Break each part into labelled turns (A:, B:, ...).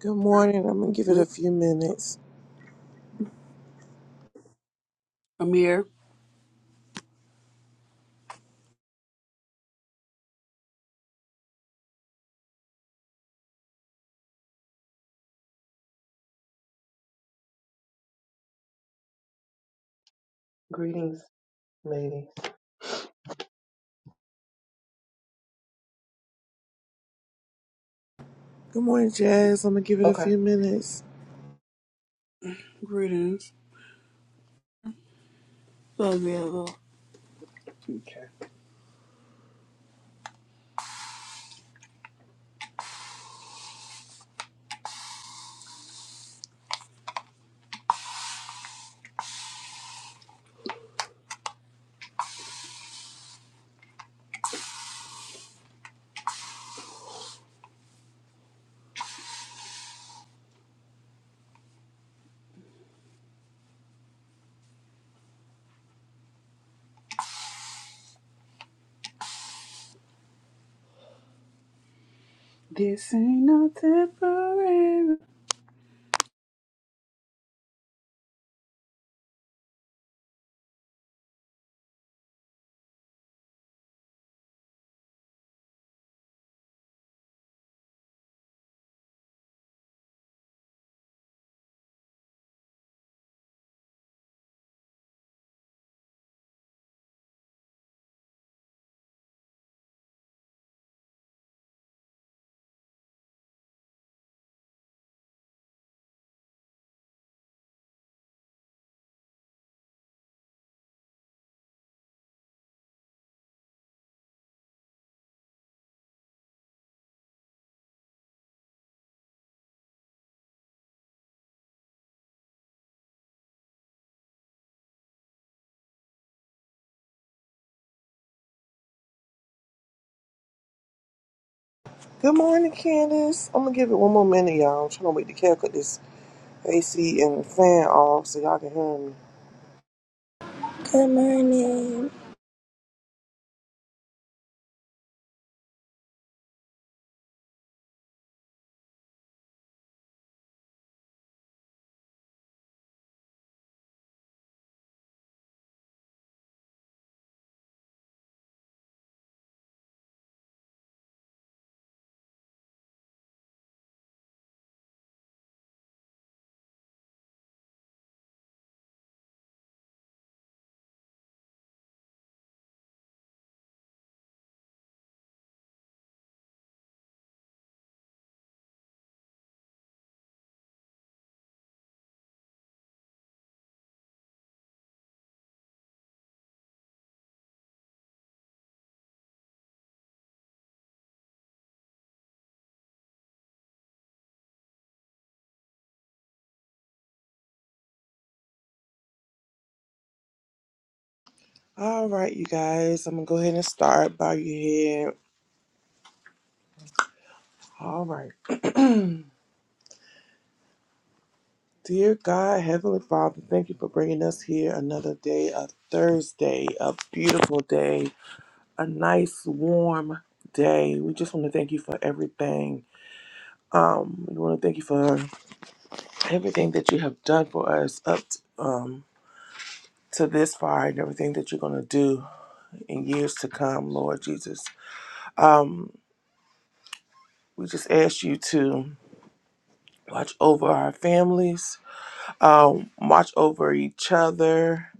A: Good morning. I'm gonna give it a few minutes.
B: Amir,
C: Greetings, ladies.
A: Good morning, Jazz. I'm gonna give it a
C: Okay,
A: few minutes.
B: greetings. Love you, Lord. This ain't no temporary.
A: Good morning, Candace. I'm gonna give it one more minute, y'all. I'm trying to wait to care cut this AC and the fan off so y'all can hear me.
D: Good morning.
A: All right, you guys. I'm gonna go ahead and start. Bow your head. All right. Dear God, Heavenly Father, thank you for bringing us here another day, a Thursday, a beautiful day, a nice warm day. We just want to thank you for everything. Um, we want to thank you for everything that you have done for us up t um, to this far and everything that you're going to do in years to come, Lord Jesus. Um, we just ask you to watch over our families, um, watch over each other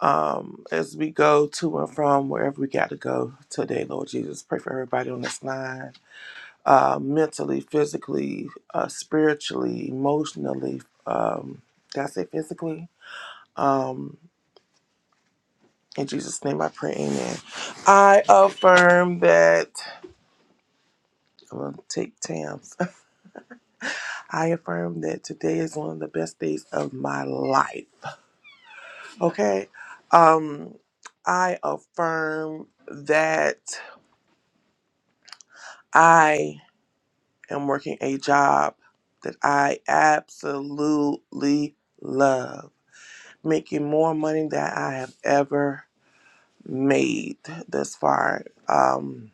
A: um, as we go to and from wherever we got to go today, Lord Jesus. Pray for everybody on this line. Uh, mentally, physically, uh, spiritually, emotionally. Um, did I say physically? Um, In Jesus' name I pray, amen. I affirm that, I'm going to take Tam's. I affirm that today is one of the best days of my life. Okay? Um, I affirm that I am working a job that I absolutely love, making more money than I have ever made thus far. Um,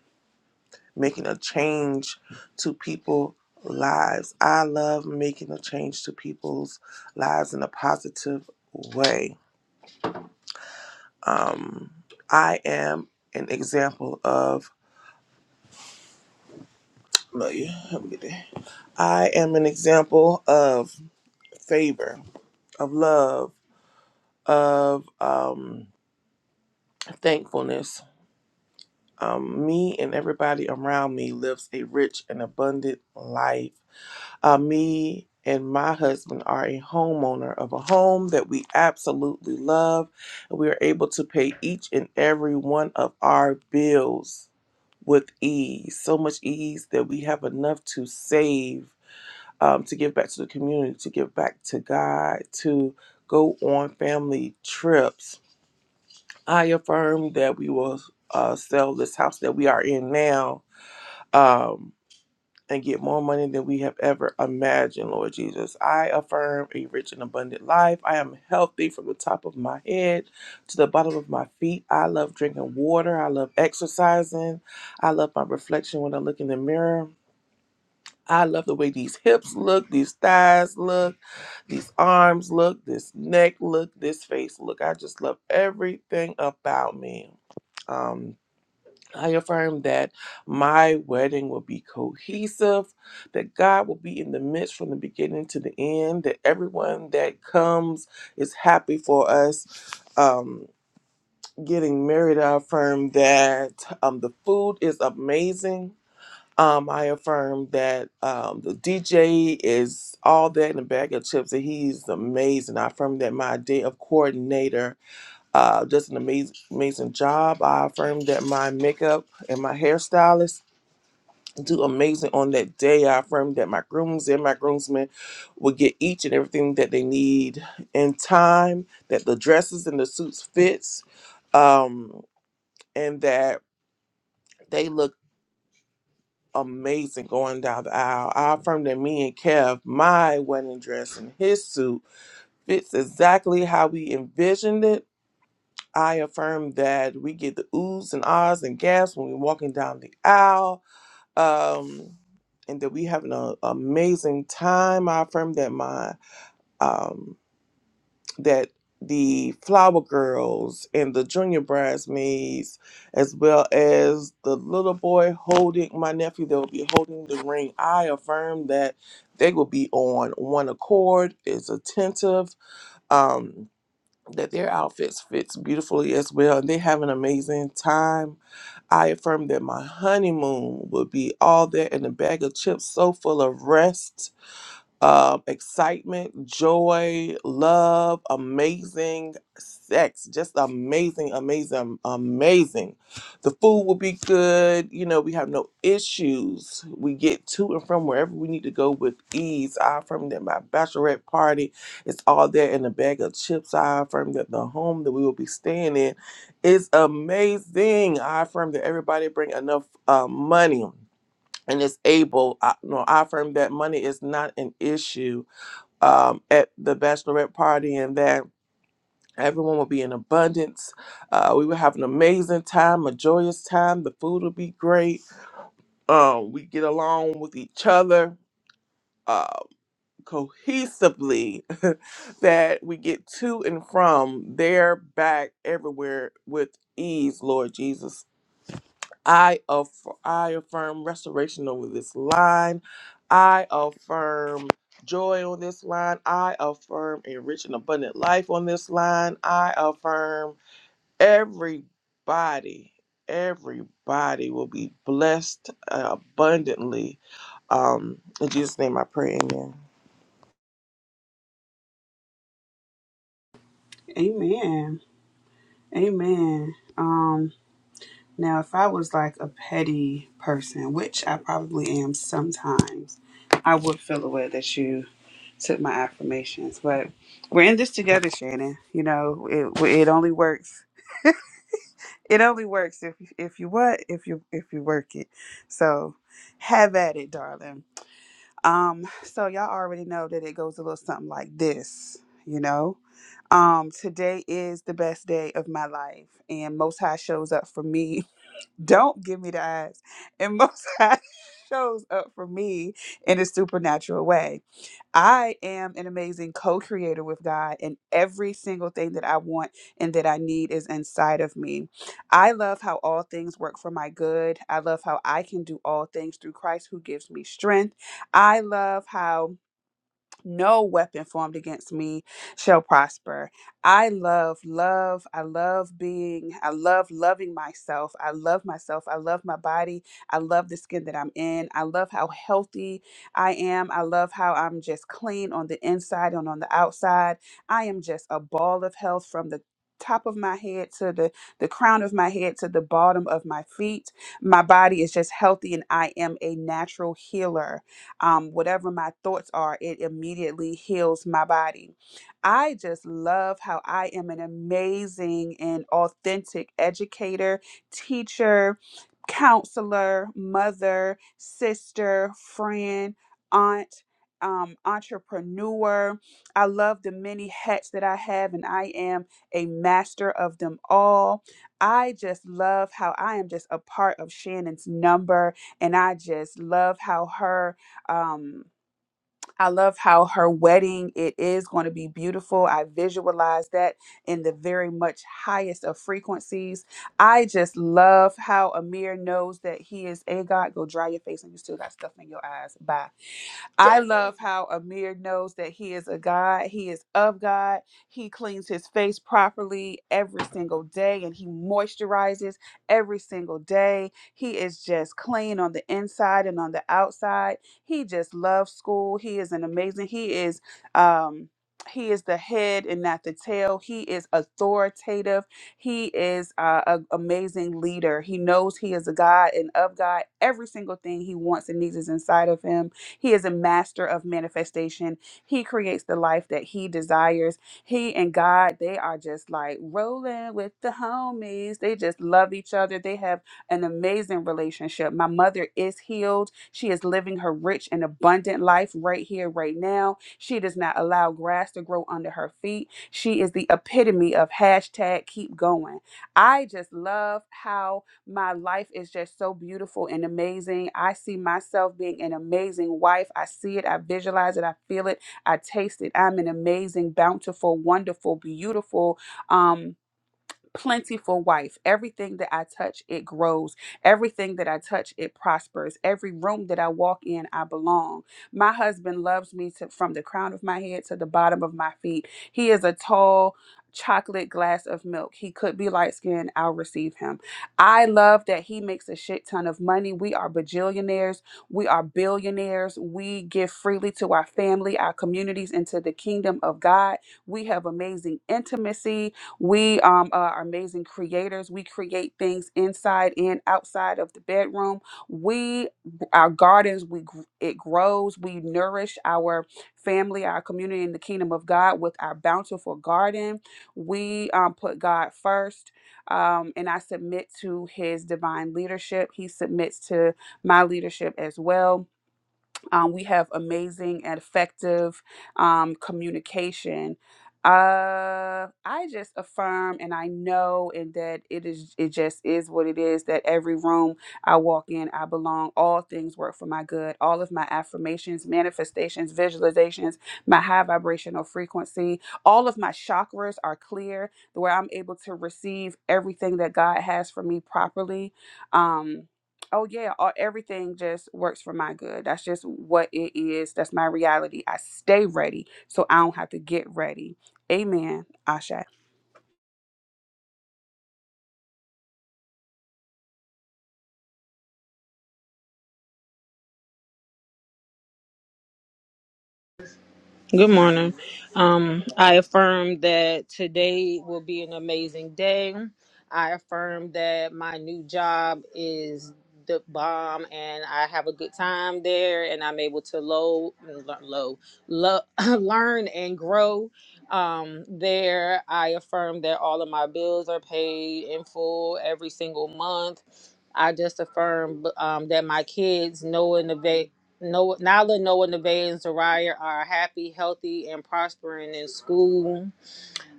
A: making a change to people's lives. I love making a change to people's lives in a positive way. Um, I am an example of Amelia, help me get there. I am an example of favor, of love, of um, thankfulness. Um, me and everybody around me lives a rich and abundant life Uh, me and my husband are a homeowner of a home that we absolutely love. We are able to pay each and every one of our bills with ease, so much ease that we have enough to save, um, to give back to the community, to give back to God, to go on family trips. I affirm that we will uh, sell this house that we are in now. um, and get more money than we have ever imagined, Lord Jesus. I affirm a rich and abundant life. I am healthy from the top of my head to the bottom of my feet. I love drinking water. I love exercising. I love my reflection when I look in the mirror. I love the way these hips look, these thighs look, these arms look, this neck look, this face look. I just love everything about me. Um, I affirm that my wedding will be cohesive, that God will be in the midst from the beginning to the end, that everyone that comes is happy for us um, getting married. I affirm that um, the food is amazing. Um, I affirm that um, the DJ is all that in a bag of chips, and he's amazing. I affirm that my day of coordinator uh, just an amazing, amazing job. I affirm that my makeup and my hairstylist do amazing on that day. I affirm that my grooms and my groomsmen will get each and everything that they need in time. That the dresses and the suits fits, um, and that they look amazing going down the aisle. I affirm that me and Kev, my wedding dress and his suit fits exactly how we envisioned it I affirm that we get the oohs and ahs and gasps when we're walking down the aisle, um, and that we having an amazing time. I affirm that my um, that the flower girls and the junior bridesmaids, as well as the little boy holding my nephew that will be holding the ring, I affirm that they will be on one accord, is attentive. Um, that their outfits fits beautifully as well and they have an amazing time i affirm that my honeymoon will be all there in a bag of chips so full of rest uh, excitement, joy, love, amazing sex, just amazing, amazing, amazing. The food will be good. You know, we have no issues. We get to and from wherever we need to go with ease. I affirm that my bachelorette party is all there in a bag of chips. I affirm that the home that we will be staying in is amazing. I affirm that everybody bring enough uh, money and is able, I, no, I affirm that money is not an issue um, at the bachelorette party and that everyone will be in abundance. Uh, we will have an amazing time, a joyous time. The food will be great. Um, we get along with each other uh, cohesively, that we get to and from there, back, everywhere with ease, Lord Jesus. I aff- I affirm restoration over this line. I affirm joy on this line. I affirm a rich and abundant life on this line. I affirm everybody, everybody will be blessed uh, abundantly. Um, in Jesus' name, I pray. Amen.
B: Amen. Amen. Um, now if I was like a petty person, which I probably am sometimes, I would feel the way that you took my affirmations. But we're in this together, Shannon. You know, it it only works. It only works if if you what if you if you work it. So have at it, darling. Um, so y'all already know that it goes a little something like this, you know. Um, today is the best day of my life, and Most High shows up for me. Don't give me the eyes, and Most High shows up for me in a supernatural way. I am an amazing co creator with God, and every single thing that I want and that I need is inside of me. I love how all things work for my good. I love how I can do all things through Christ who gives me strength. I love how no weapon formed against me shall prosper. I love love. I love being, I love loving myself. I love myself. I love my body. I love the skin that I'm in. I love how healthy I am. I love how I'm just clean on the inside and on the outside. I am just a ball of health from the top of my head to the the crown of my head to the bottom of my feet my body is just healthy and i am a natural healer um, whatever my thoughts are, it immediately heals my body. I just love how I am an amazing and authentic educator, teacher, counselor, mother, sister, friend, aunt. Um, entrepreneur. I love the many hats that I have, and I am a master of them all. I just love how I am just a part of Shannon's number, and I just love how her um i love how her wedding it is going to be beautiful i visualize that in the very much highest of frequencies i just love how amir knows that he is a god go dry your face and you still got stuff in your eyes bye I love how Amir knows that he is a God. He is of God. He cleans his face properly every single day and he moisturizes every single day. He is just clean on the inside and on the outside. He just loves school. He is an amazing, he is, um, he is the head and not the tail. He is authoritative. He is uh, an amazing leader. He knows he is a God and of God. Every single thing he wants and needs is inside of him he is a master of manifestation. He creates the life that he desires. He and God, they are just like rolling with the homies. They just love each other. They have an amazing relationship. My mother is healed. She is living her rich and abundant life right here, right now. She does not allow grass to grow under her feet. She is the epitome of hashtag keep going. I just love how my life is just so beautiful and amazing. I see myself being an amazing wife. I see it, I visualize it, I feel it, I taste it. I'm an amazing, bountiful, wonderful, beautiful, um, plentiful wife. Everything that I touch, it grows. Everything that I touch, it prospers. Every room that I walk in, I belong. My husband loves me to, from the crown of my head to the bottom of my feet. He is a tall, chocolate glass of milk. He could be light skinned. I'll receive him. I love that he makes a shit ton of money. We are bajillionaires. We are billionaires. We give freely to our family, our communities, and to the kingdom of God. We have amazing intimacy. We um, are amazing creators. We create things inside and outside of the bedroom. We, our gardens, we gr- it grows. We nourish our family, our community, and the kingdom of God with our bountiful garden. We um, put God first, um, and I submit to His divine leadership. He submits to my leadership as well um, we have amazing and effective um, communication. Uh, I just affirm and I know and that it is it just is what it is that every room I walk in I belong all things work for my good all of my affirmations manifestations visualizations my high vibrational frequency all of my chakras are clear where I'm able to receive everything that God has for me properly um oh yeah all, everything just works for my good that's just what it is that's my reality i stay ready so i don't have to get ready amen asha
E: Good morning. Um, I affirm that today will be an amazing day. I affirm that my new job is the bomb and I have a good time there and I'm able to low, lear- low, lo, learn and grow um, there. I affirm that all of my bills are paid in full every single month. I just affirm um, that my kids know innovate. Noah, Nala, Noah, Nevaeh, and Zariah are happy, healthy, and prospering in school.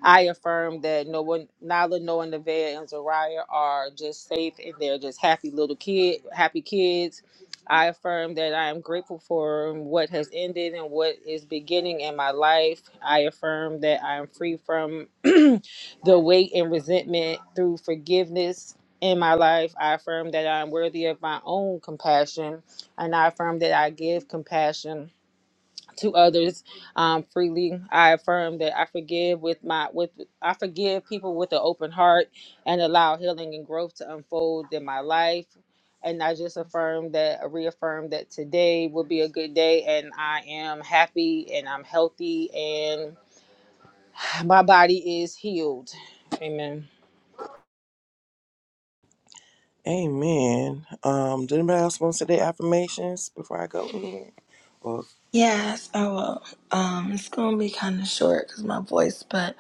E: I affirm that no one, Nala, Noah, Nevaeh, and Zariah are just safe and they're just happy little kid, happy kids. I affirm that I am grateful for what has ended and what is beginning in my life. I affirm that I am free from the weight and resentment through forgiveness in my life. I affirm that I am worthy of my own compassion and I affirm that I give compassion to others um, freely. I affirm that I forgive with my with I forgive people with an open heart and allow healing and growth to unfold in my life. And I just affirm that reaffirm that today will be a good day and I am happy and I'm healthy and my body is healed. Amen.
A: Amen. Um, did anybody else want to say their affirmations before I go? Amen. Well,
D: Yes, I will. Um, it's gonna be kind of short because my voice, but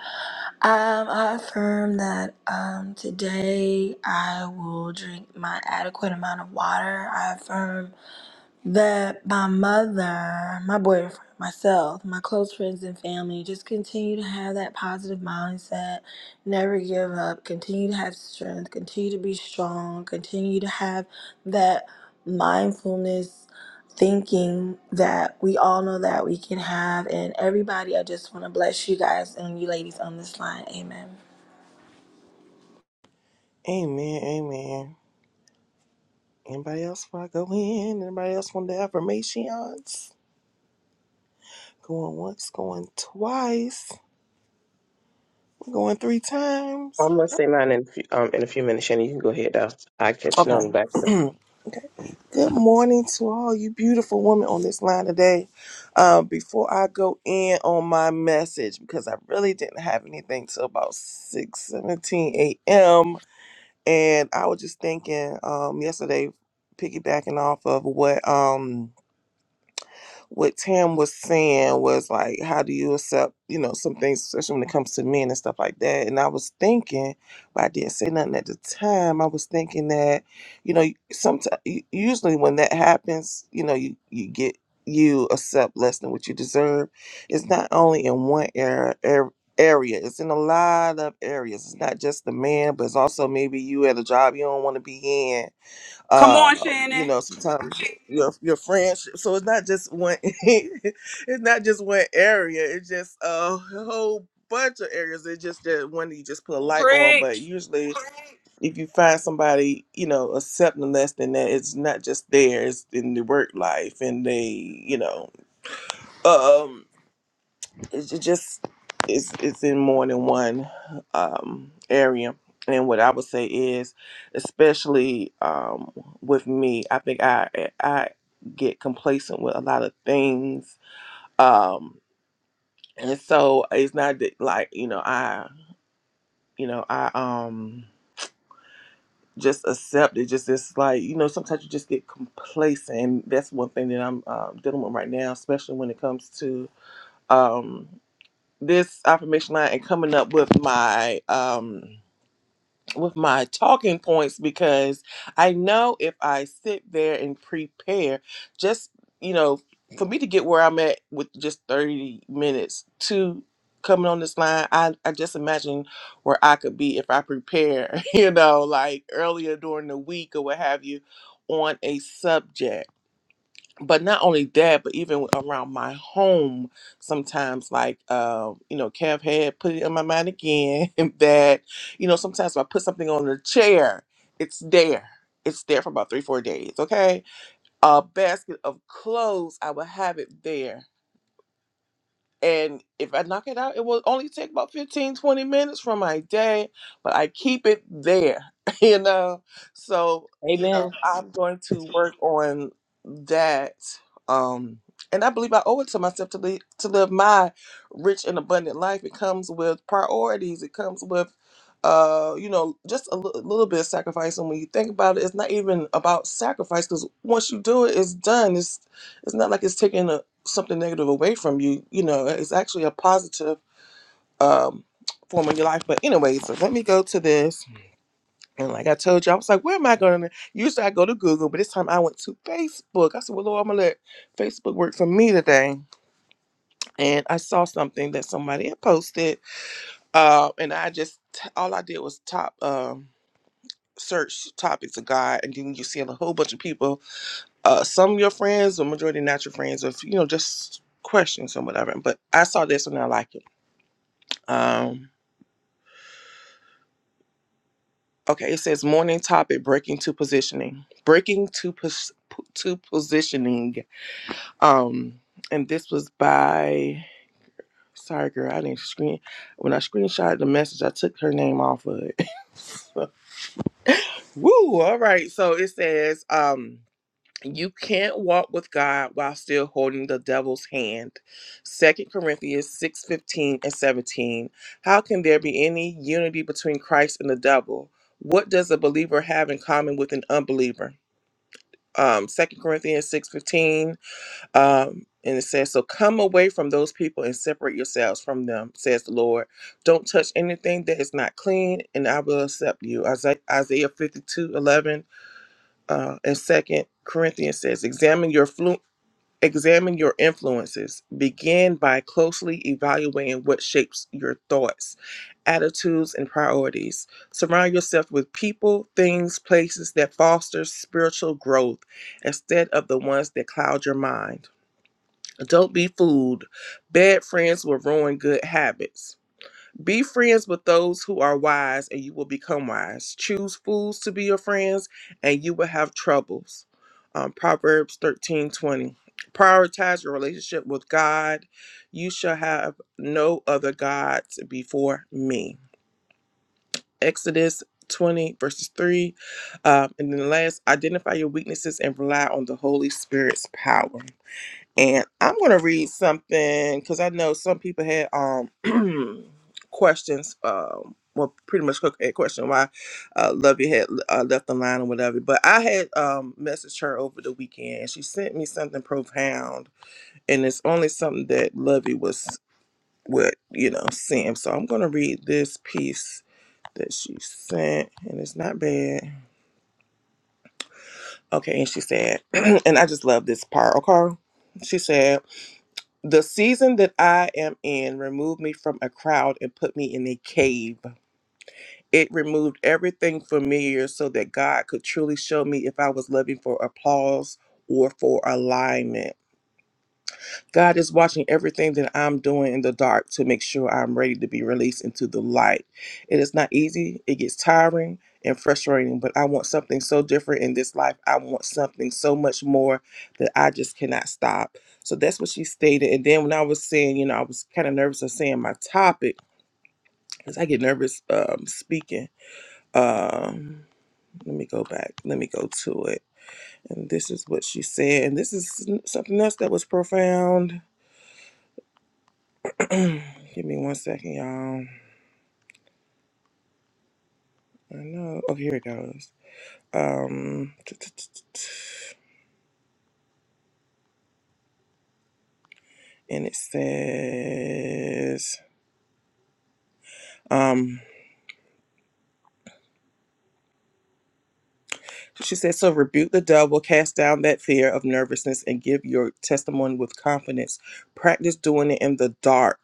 D: um, I affirm that um today I will drink my adequate amount of water. I affirm that my mother, my boyfriend, myself, my close friends and family just continue to have that positive mindset, never give up, continue to have strength, continue to be strong, continue to have that mindfulness thinking that we all know that we can have. And everybody, I just want to bless you guys and you ladies on this line. Amen.
A: amen. Amen. Anybody else want to go in? Anybody else want the affirmations? Going once, going twice, going three times.
C: I'm gonna say mine in a few, um in a few minutes, Shannon. You can go ahead. I'll I catch you
A: Okay.
C: on the back. end.
A: okay. Good morning to all you beautiful women on this line today. Um, before I go in on my message, because I really didn't have anything till about six seventeen a.m. And I was just thinking um, yesterday, piggybacking off of what. Um, what Tam was saying was like, how do you accept, you know, some things, especially when it comes to men and stuff like that. And I was thinking, but I didn't say nothing at the time. I was thinking that, you know, sometimes usually when that happens, you know, you you get you accept less than what you deserve. It's not only in one era. er- area it's in a lot of areas it's not just the man but it's also maybe you at a job you don't want to be in
B: come on
A: um you
B: shannon
A: know sometimes your your friends so it's not just one it's not just one area it's just a whole bunch of areas it's just that one that you just put a light on but
B: preach
A: usually if you find somebody you know accepting less than that it's not just theirs in the work life and they you know um, it's ju- just it's it's in more than one um area and what i would say is especially um with me i think i i get complacent with a lot of things um and so it's not that like you know i you know i um just accept it just it's like you know sometimes you just get complacent and that's one thing that i'm uh, dealing with right now especially when it comes to Um, this affirmation line and coming up with my um with my talking points because I know if I sit there and prepare just you know for me to get where I'm at with just 30 minutes to coming on this line I, I just imagine where I could be if I prepare you know like earlier during the week or what have you on a subject but not only that, but even around my home, sometimes like uh, you know, Kev had put it in my mind again that you know sometimes if I put something on the chair, it's there. It's there for about three, four days. Okay, a basket of clothes, I will have it there and if I knock it out, it will only take about 15, 20 minutes from my day, but I keep it there, you know? So, you know,
E: Amen.
A: I'm going to work on that. Um, and I believe I owe it to myself to, li- to live my rich and abundant life. It comes with priorities, it comes with, uh, you know, just a li- little bit of sacrifice. And when you think about it, it's not even about sacrifice because once you do it, it's done. It's it's not like it's taking a something negative away from you, you know, it's actually a positive um, form of your life. But anyway, so let me go to this. And like I told you, I was like, where am I going to? Usually I go to Google, but this time I went to Facebook. I said, well, Lord, I'm going to let Facebook work for me today. And I saw something that somebody had posted. Uh, and I just, all I did was top. Um, search topics of God and then you see a whole bunch of people uh some of your friends the majority not your friends of you know just questions or whatever but I saw this and I like it Um, okay, it says morning topic: breaking to positioning. Breaking to pos- to positioning. Um, and this was by. Sorry, girl, I didn't screen. When I screenshotted the message, I took her name off of it. Woo! All right, so it says. Um, you can't walk with God while still holding the devil's hand. Second Corinthians 6 15 and 17. How can there be any unity between Christ and the devil? What does a believer have in common with an unbeliever? Um, 2 Corinthians 6 15, Um, and it says, So come away from those people and separate yourselves from them, says the Lord. Don't touch anything that is not clean, and I will accept you. Isaiah 52 11, uh, and second corinthians says examine your flu- Examine your influences. Begin by closely evaluating what shapes your thoughts, attitudes, and priorities. Surround yourself with people, things, places that foster spiritual growth instead of the ones that cloud your mind. Don't be fooled. Bad friends will ruin good habits. Be friends with those who are wise, and you will become wise. Choose fools to be your friends, and you will have troubles. Um, Proverbs thirteen twenty. Prioritize your relationship with God. You shall have no other gods before me. Exodus 20, verses 3. Um, and then last, identify your weaknesses and rely on the Holy Spirit's power. And I'm going to read something because I know some people had um questions. Um, well, pretty much a question why uh, Lovey had uh, left the line or whatever. But I had um messaged her over the weekend. and She sent me something profound, and it's only something that Lovey was with, you know, seeing. So I'm going to read this piece that she sent, and it's not bad. Okay, and she said, and I just love this part. Okay, she said. The season that I am in removed me from a crowd and put me in a cave. It removed everything familiar so that God could truly show me if I was living for applause or for alignment. God is watching everything that I'm doing in the dark to make sure I'm ready to be released into the light. It is not easy, it gets tiring and frustrating, but I want something so different in this life. I want something so much more that I just cannot stop. So that's what she stated. And then when I was saying, you know, I was kind of nervous of saying my topic because I get nervous um, speaking. Um, let me go back, let me go to it. And this is what she said. And this is something else that was profound Give me one second, y'all. I know. Oh, here it goes. Um, and it says, um, she says, so rebuke the devil, cast down that fear of nervousness, and give your testimony with confidence. Practice doing it in the dark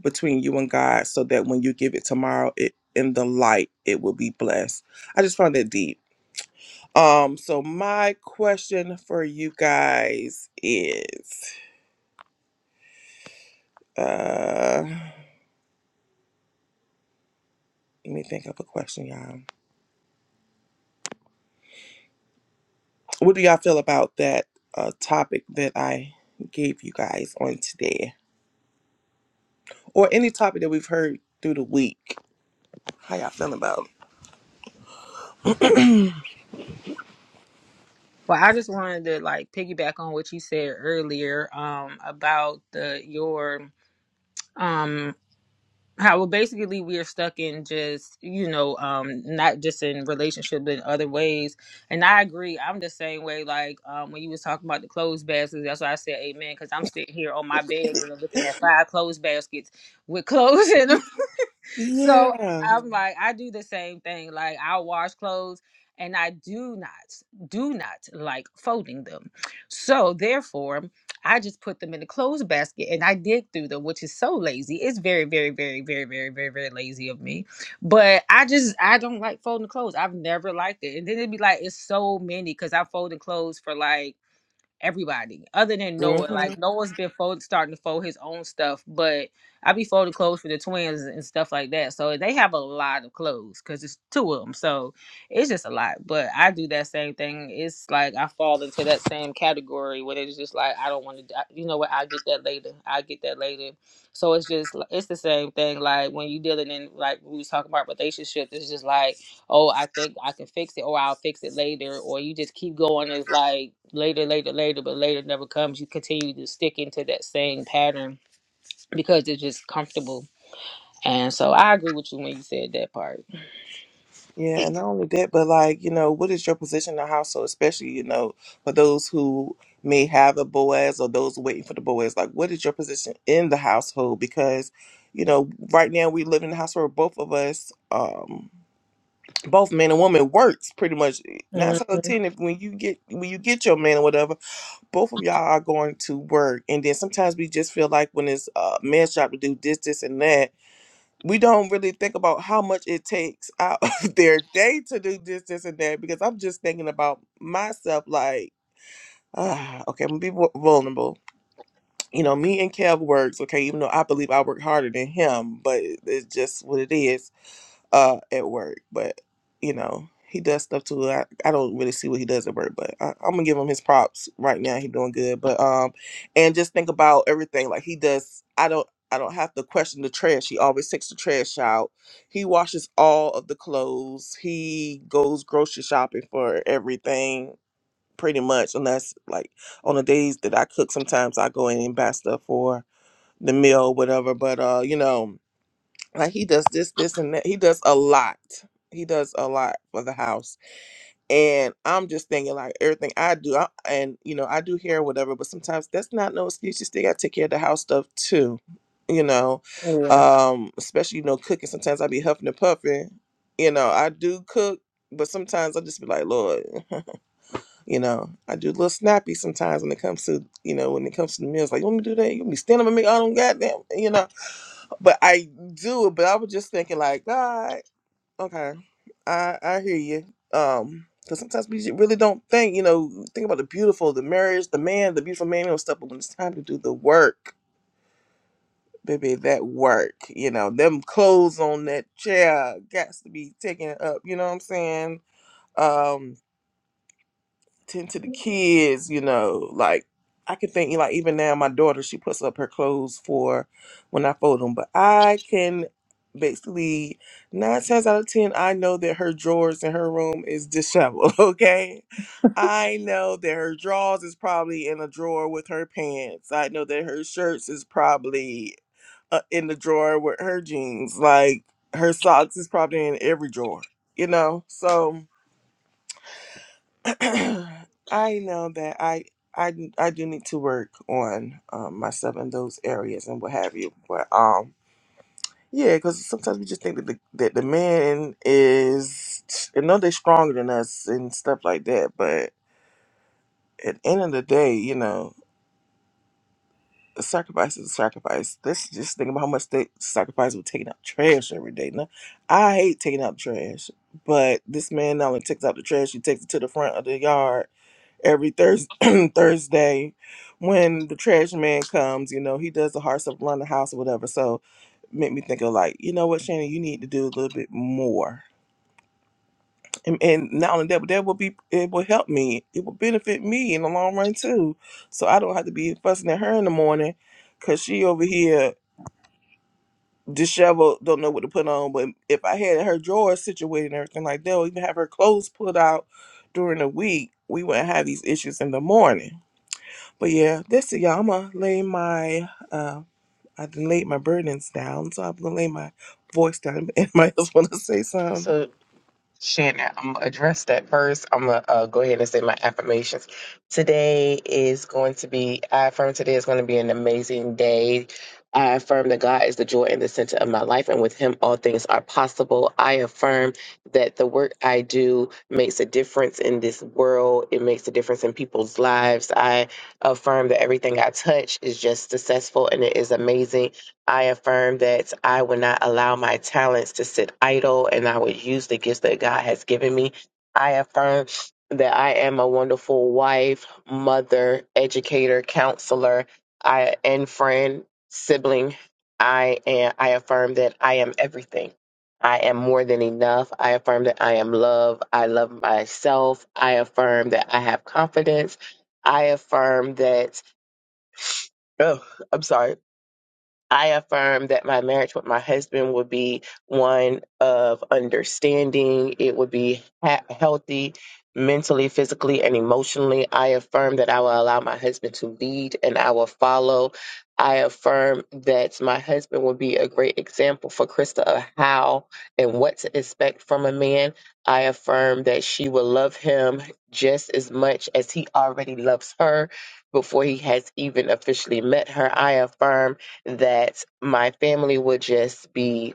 A: between you and God, so that when you give it tomorrow, it in the light, it will be blessed. I just found that deep. Um, so my question for you guys is, uh. Let me think of a question, y'all. What do y'all feel about that uh, topic that I gave you guys on today, or any topic that we've heard through the week? How y'all feeling about?
E: Well, I just wanted to like piggyback on what you said earlier um about the your um how well basically we are stuck in just you know um not just in relationship but in other ways and i agree i'm the same way like um when you was talking about the clothes baskets that's why i said amen because i'm sitting here on my bed girl looking at five clothes baskets with clothes in them
A: it?
E: so
A: Yeah.
E: I'm like, I do the same thing. Like I wash clothes and I do not, do not like folding them. So therefore, I just put them in the clothes basket and I dig through them, which is so lazy. It's very, very, very, very, very, very, very lazy of me. But I just I don't like folding clothes. I've never liked it. And then it'd be like it's so many because I folded clothes for like everybody other than Noah.
A: hmm
E: Like Noah's been fold, starting to fold his own stuff, but I be folding clothes for the twins and stuff like that. So they have a lot of clothes because it's two of them. So it's just a lot. But I do that same thing. It's like I fall into that same category where it's just like I don't want to. You know what? I get that later. I get that later. So it's just it's the same thing. Like when you dealing in like we was talking about relationships, it's just like oh, I think I can fix it, or I'll fix it later, or you just keep going. It's like later, later, later, but later never comes. You continue to stick into that same pattern because it's just comfortable. And so I agree with you when you said that part.
A: Yeah. and Not only that, but like you know, what is your position in the household, especially you know for those who may have a Boaz or those waiting for the Boaz? Like, what is your position in the household? Because you know, right now we live in the house where both of us. um both man and woman works pretty much nine out of
E: Mhm.
A: ten if when you get when you get your man or whatever both of y'all are going to work and then sometimes we just feel like when it's a man's job to do this this and that we don't really think about how much it takes out of their day to do this this and that because i'm just thinking about myself like ah, okay i'm gonna be vul- vulnerable you know me and kev works okay even though i believe i work harder than him but it's just what it is uh at work, but you know he does stuff too. I, I don't really see what he does at work, but I, I'm gonna give him his props right now. He's doing good, but um, and just think about everything like he does. I don't I don't have to question the trash. He always takes the trash out. He washes all of the clothes. He goes grocery shopping for everything pretty much, unless like on the days that I cook. Sometimes I go in and buy stuff for the meal, whatever. But uh, you know like he does this this and that he does a lot he does a lot for the house and i'm just thinking like everything i do I, and you know i do hair whatever but sometimes that's not no excuse you still gotta take care of the house stuff too you know um especially you know cooking sometimes i be huffing and puffing you know i do cook but sometimes i just be like lord you know i do a little snappy sometimes when it comes to you know when it comes to the meals like you want me to do that you want me to stand up and make all them goddamn you know but I do, but I was just thinking like, God, okay, I I hear you. Um, because sometimes we really don't think, you know, think about the beautiful, the marriage, the man, the beautiful man, and stuff. But when it's time to do the work, baby, that work, you know, them clothes on that chair got to be taken up. You know what I'm saying? Um. tend to the kids, you know, like I can think like even now my daughter she puts up her clothes for when I fold them, but I can basically nine times out of ten I know that her drawers in her room is disheveled. Okay, I know that her drawers is probably in a drawer with her pants. I know that her shirts is probably uh, in the drawer with her jeans. Like her socks is probably in every drawer. You know, so I know that I I I do need to work on um, myself in those areas and what have you. But um, yeah, because sometimes we just think that the that the man is, I know they're stronger than us and stuff like that. But at the end of the day, you know, a sacrifice is a sacrifice. Let's just think about how much they sacrifice with taking out trash every day. Now, I hate taking out trash, but this man not only takes out the trash, he takes it to the front of the yard every Thurs Thursday when the trash man comes, you know, he does the Hearts of London House or whatever. So make me think of like, you know what, Shannon, you need to do a little bit more. And, and not only that, but that will be it will help me. It will benefit me in the long run too. So I don't have to be fussing at her in the morning because she over here disheveled, don't know what to put on. But if I had her drawers situated and everything like that, or even have her clothes put out during the week, we wouldn't have these issues in the morning. But yeah, this y'all. I'm gonna lay my uh, I done laid my burdens down, so I'm gonna lay my voice down. If anybody else wanna say something?
C: So, Shannon, I'm gonna address that first. I'm gonna uh, go ahead and say my affirmations. Today is going to be, I affirm today is going to be an amazing day. I affirm that God is the joy and the center of my life, and with Him, all things are possible. I affirm that the work I do makes a difference in this world, it makes a difference in people's lives. I affirm that everything I touch is just successful and it is amazing I affirm that I will not allow my talents to sit idle and I will use the gifts that God has given me. I affirm that I am a wonderful wife, mother, educator, counselor, I and friend, sibling. I am I affirm that I am everything. I am more than enough. I affirm that I am love. I love myself. I affirm that I have confidence. I affirm that oh, I'm sorry. I affirm that my marriage with my husband would be one of understanding. It would be ha- healthy mentally, physically, and emotionally. I affirm that I will allow my husband to lead and I will follow. I affirm that my husband will be a great example for Krista of how and what to expect from a man. I affirm that she will love him just as much as he already loves her before he has even officially met her. I affirm that my family would just be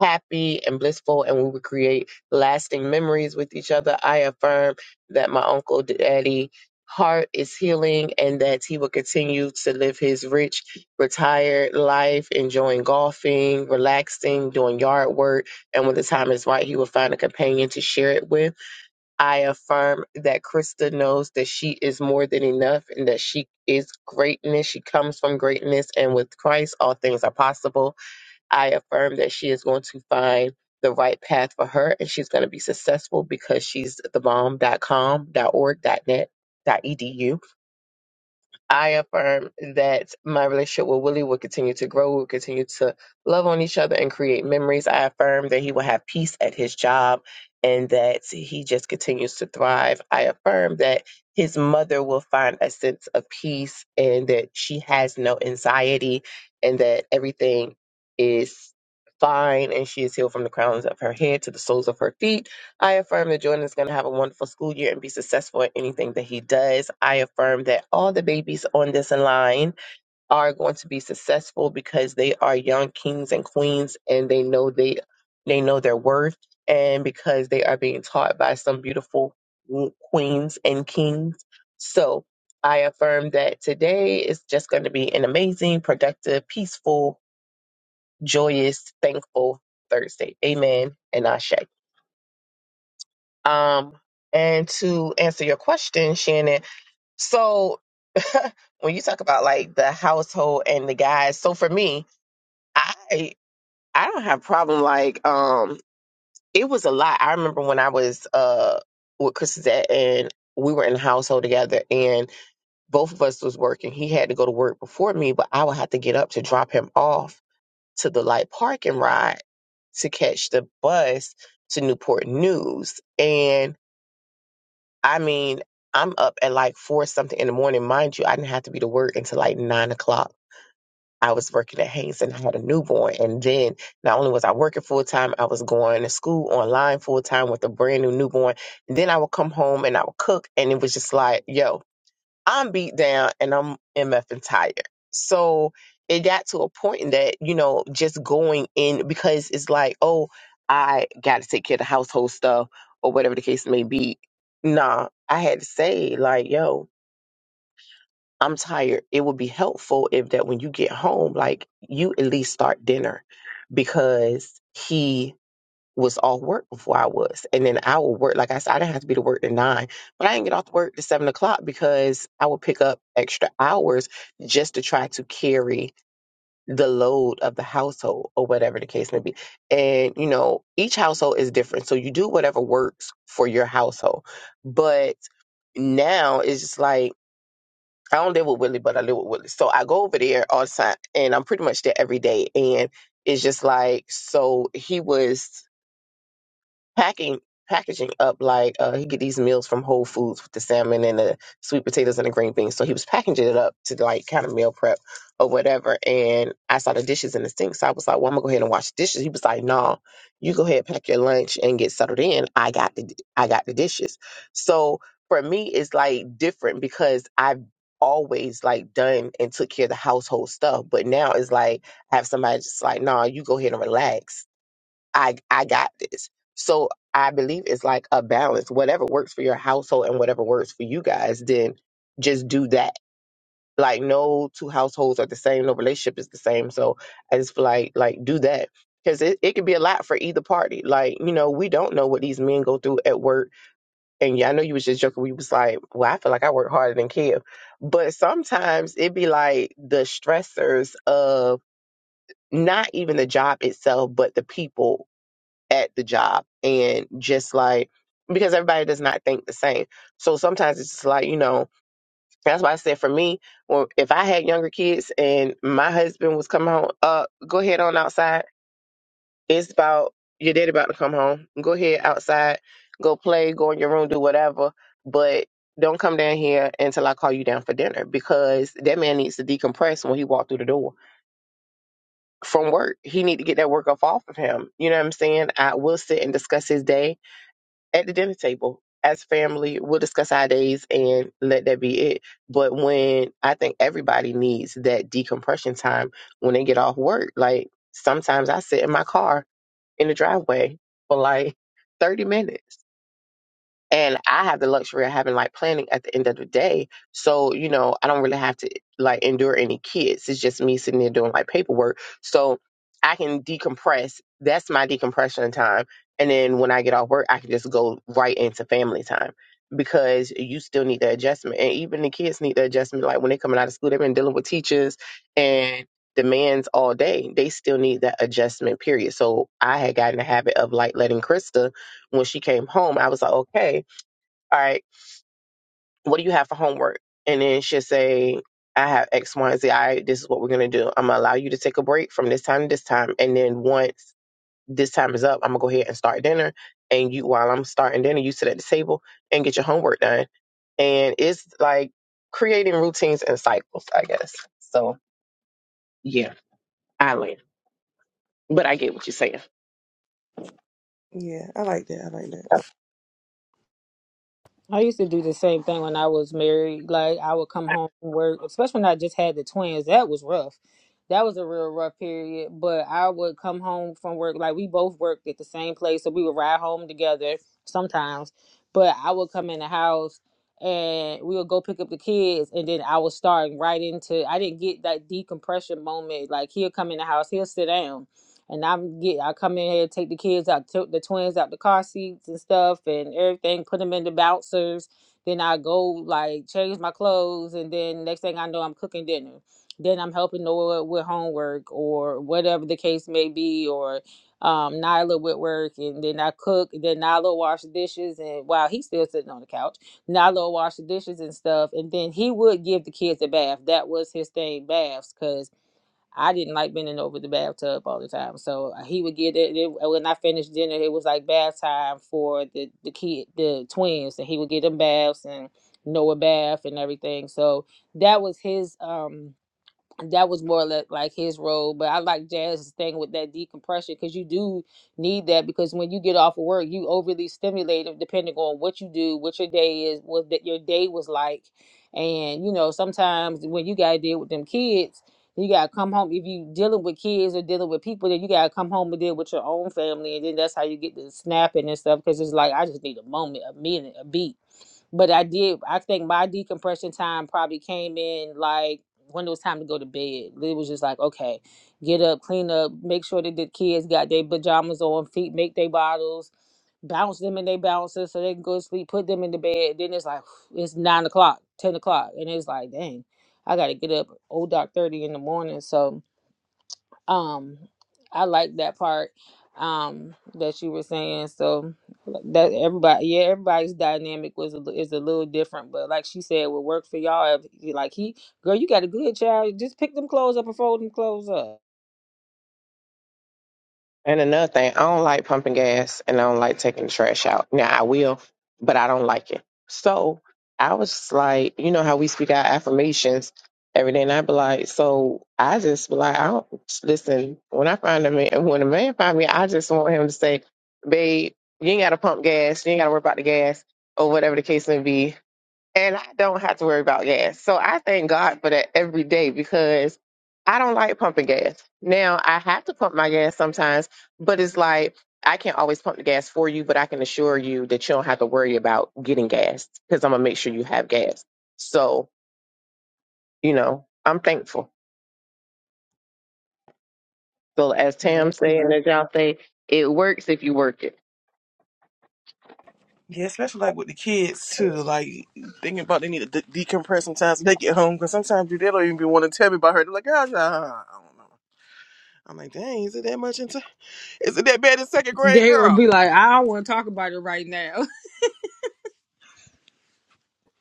C: happy and blissful and we would create lasting memories with each other. I affirm that my uncle daddy heart is healing and that he will continue to live his rich retired life enjoying golfing relaxing doing yard work and when the time is right he will find a companion to share it with I affirm that Krista knows that she is more than enough and that she is greatness. She comes from greatness, and with Christ, all things are possible. I affirm that she is going to find the right path for her and she's going to be successful because she's the bomb.com.org.net.edu. I affirm that my relationship with Willie will continue to grow. We'll continue to love on each other and create memories. I affirm that he will have peace at his job and that he just continues to thrive. I affirm that his mother will find a sense of peace and that she has no anxiety and that everything is fine and she is healed from the crowns of her head to the soles of her feet. I affirm that Jordan is going to have a wonderful school year and be successful at anything that he does. I affirm that all the babies on this line are going to be successful because they are young kings and queens and they know they they know their worth and because they are being taught by some beautiful w- queens and kings. So, I affirm that today is just going to be an amazing, productive, peaceful, joyous, thankful Thursday. Amen and Ashe. Um, and to answer your question, Shannon, so when you talk about like the household and the guys, so for me, I I don't have problem like um it was a lot. I remember when I was uh with Chrisette and we were in the household together and both of us was working. He had to go to work before me, but I would have to get up to drop him off to the light park and ride to catch the bus to Newport News. And I mean, I'm up at like four something in the morning. Mind you, I didn't have to be to work until like nine o'clock. I was working at Haynes and I had a newborn. And then not only was I working full time, I was going to school online full time with a brand new newborn. And then I would come home and I would cook. And it was just like, yo, I'm beat down and I'm MF and tired. So it got to a point that, you know, just going in because it's like, oh, I got to take care of the household stuff or whatever the case may be. Nah, I had to say, like, yo, I'm tired. It would be helpful if that when you get home, like, you at least start dinner because he was off work before I was. And then I would work, like I said, I didn't have to be to work to nine, but I didn't get off to work to seven o'clock because I would pick up extra hours just to try to carry the load of the household or whatever the case may be. And, you know, each household is different. So you do whatever works for your household. But now it's just like, I don't live with Willie, but I live with Willie. So I go over there all the time and I'm pretty much there every day. And it's just like, so he was packing packaging up like uh, he get these meals from Whole Foods with the salmon and the sweet potatoes and the green beans. So he was packaging it up to like kind of meal prep or whatever. And I saw the dishes in the sink, so I was like, "Well, I'm gonna go ahead and wash the dishes." He was like, "No, you go ahead pack your lunch and get settled in. I got the I got the dishes." So for me, it's like different because I've always like done and took care of the household stuff, but now it's like I have somebody just like, "No, you go ahead and relax." I I got this. So I believe it's like a balance. Whatever works for your household and whatever works for you guys, then just do that. Like no two households are the same, no relationship is the same. So I just feel like like do that. Cause it, it could be a lot for either party. Like, you know, we don't know what these men go through at work. And yeah, I know you was just joking. We was like, well, I feel like I work harder than Kev. But sometimes it be like the stressors of not even the job itself, but the people at the job and just like because everybody does not think the same. So sometimes it's just like, you know, that's why I said for me, well, if I had younger kids and my husband was coming home, uh, go ahead on outside. It's about your daddy about to come home. Go ahead outside, go play, go in your room, do whatever. But don't come down here until I call you down for dinner because that man needs to decompress when he walked through the door from work. He need to get that work off off of him. You know what I'm saying? I will sit and discuss his day at the dinner table as family we'll discuss our days and let that be it but when i think everybody needs that decompression time when they get off work like sometimes i sit in my car in the driveway for like 30 minutes and I have the luxury of having like planning at the end of the day. So, you know, I don't really have to like endure any kids. It's just me sitting there doing like paperwork. So I can decompress. That's my decompression time. And then when I get off work, I can just go right into family time because you still need the adjustment. And even the kids need the adjustment. Like when they're coming out of school, they've been dealing with teachers and demands all day. They still need that adjustment period. So I had gotten the habit of like letting Krista when she came home, I was like, okay all right, what do you have for homework? And then she'll say, I have X, Y, and Z. All right, this is what we're going to do. I'm going to allow you to take a break from this time to this time. And then once this time is up, I'm going to go ahead and start dinner. And you, while I'm starting dinner, you sit at the table and get your homework done. And it's like creating routines and cycles, I guess. So, yeah, I learned. But I get what you're saying.
A: Yeah, I like that. I like that.
E: I used to do the same thing when I was married. Like I would come home from work, especially when I just had the twins. That was rough. That was a real rough period. But I would come home from work. Like we both worked at the same place, so we would ride home together sometimes. But I would come in the house and we would go pick up the kids, and then I was starting right into. I didn't get that decompression moment. Like he'll come in the house, he'll sit down and I'm get I come in here, take the kids out, took the twins out the car seats and stuff and everything, put them in the bouncers. Then I go like change my clothes, and then next thing I know, I'm cooking dinner. Then I'm helping Noah with homework or whatever the case may be, or um, Nyla with work, and then I cook. And then Nyla wash the dishes, and while he's still sitting on the couch, Nyla wash the dishes and stuff. And then he would give the kids a bath. That was his thing, baths, cause I didn't like bending over the bathtub all the time. So uh, he would get it, it uh, when I finished dinner. It was like bath time for the the kid, the twins, and he would get them baths and Noah bath and everything. So that was his um that was more like, like his role. But I like Jazz's thing with that decompression because you do need that because when you get off of work, you overly stimulated depending on what you do, what your day is, what that your day was like, and you know sometimes when you gotta deal with them kids. You gotta come home if you dealing with kids or dealing with people. Then you gotta come home and deal with your own family, and then that's how you get the snapping and stuff. Because it's like I just need a moment, a minute, a beat but I did. I think my decompression time probably came in like when it was time to go to bed. It was just like, okay, get up, clean up, make sure that the kids got their pajamas on, feet, make their bottles, bounce them in their bounces so they can go to sleep, put them in the bed. Then it's like it's nine o'clock, ten o'clock, and it's like, dang, I gotta get up old dark thirty in the morning. So um, I like that part um that you were saying. So that everybody, yeah, everybody's dynamic was a, li- is a little different, but like she said, would work for y'all. If, you- like he, girl, you got a good child. Just pick them clothes up and fold them clothes up.
C: And another thing, I don't like pumping gas and I don't like taking the trash out. Now I will, but I don't like it. So I was just like, you know how we speak our affirmations every day, and I be like, so I just be like, I don't listen. When I find a man, when a man find me, I just want him to say, babe, you ain't gotta pump gas, you ain't gotta worry about the gas or whatever the case may be and I don't have to worry about gas. So I thank God for that every day because I don't like pumping gas. Now I have to pump my gas sometimes, but it's like I can't always pump the gas for you, but I can assure you that you don't have to worry about getting gas because I'm gonna make sure you have gas. So, you know, I'm thankful. So as Tam
E: That
C: saying as y'all say, it works if you work it.
A: Yeah, especially like with the kids too. Like thinking about they need to de- decompress sometimes when they get home because sometimes they don't even want to tell me about her. They're like, oh, I I don't know. I'm like, dang, is it that much into? Is it that bad in second grade,
E: They will
A: girl?
E: be like, I don't want to talk about it right now.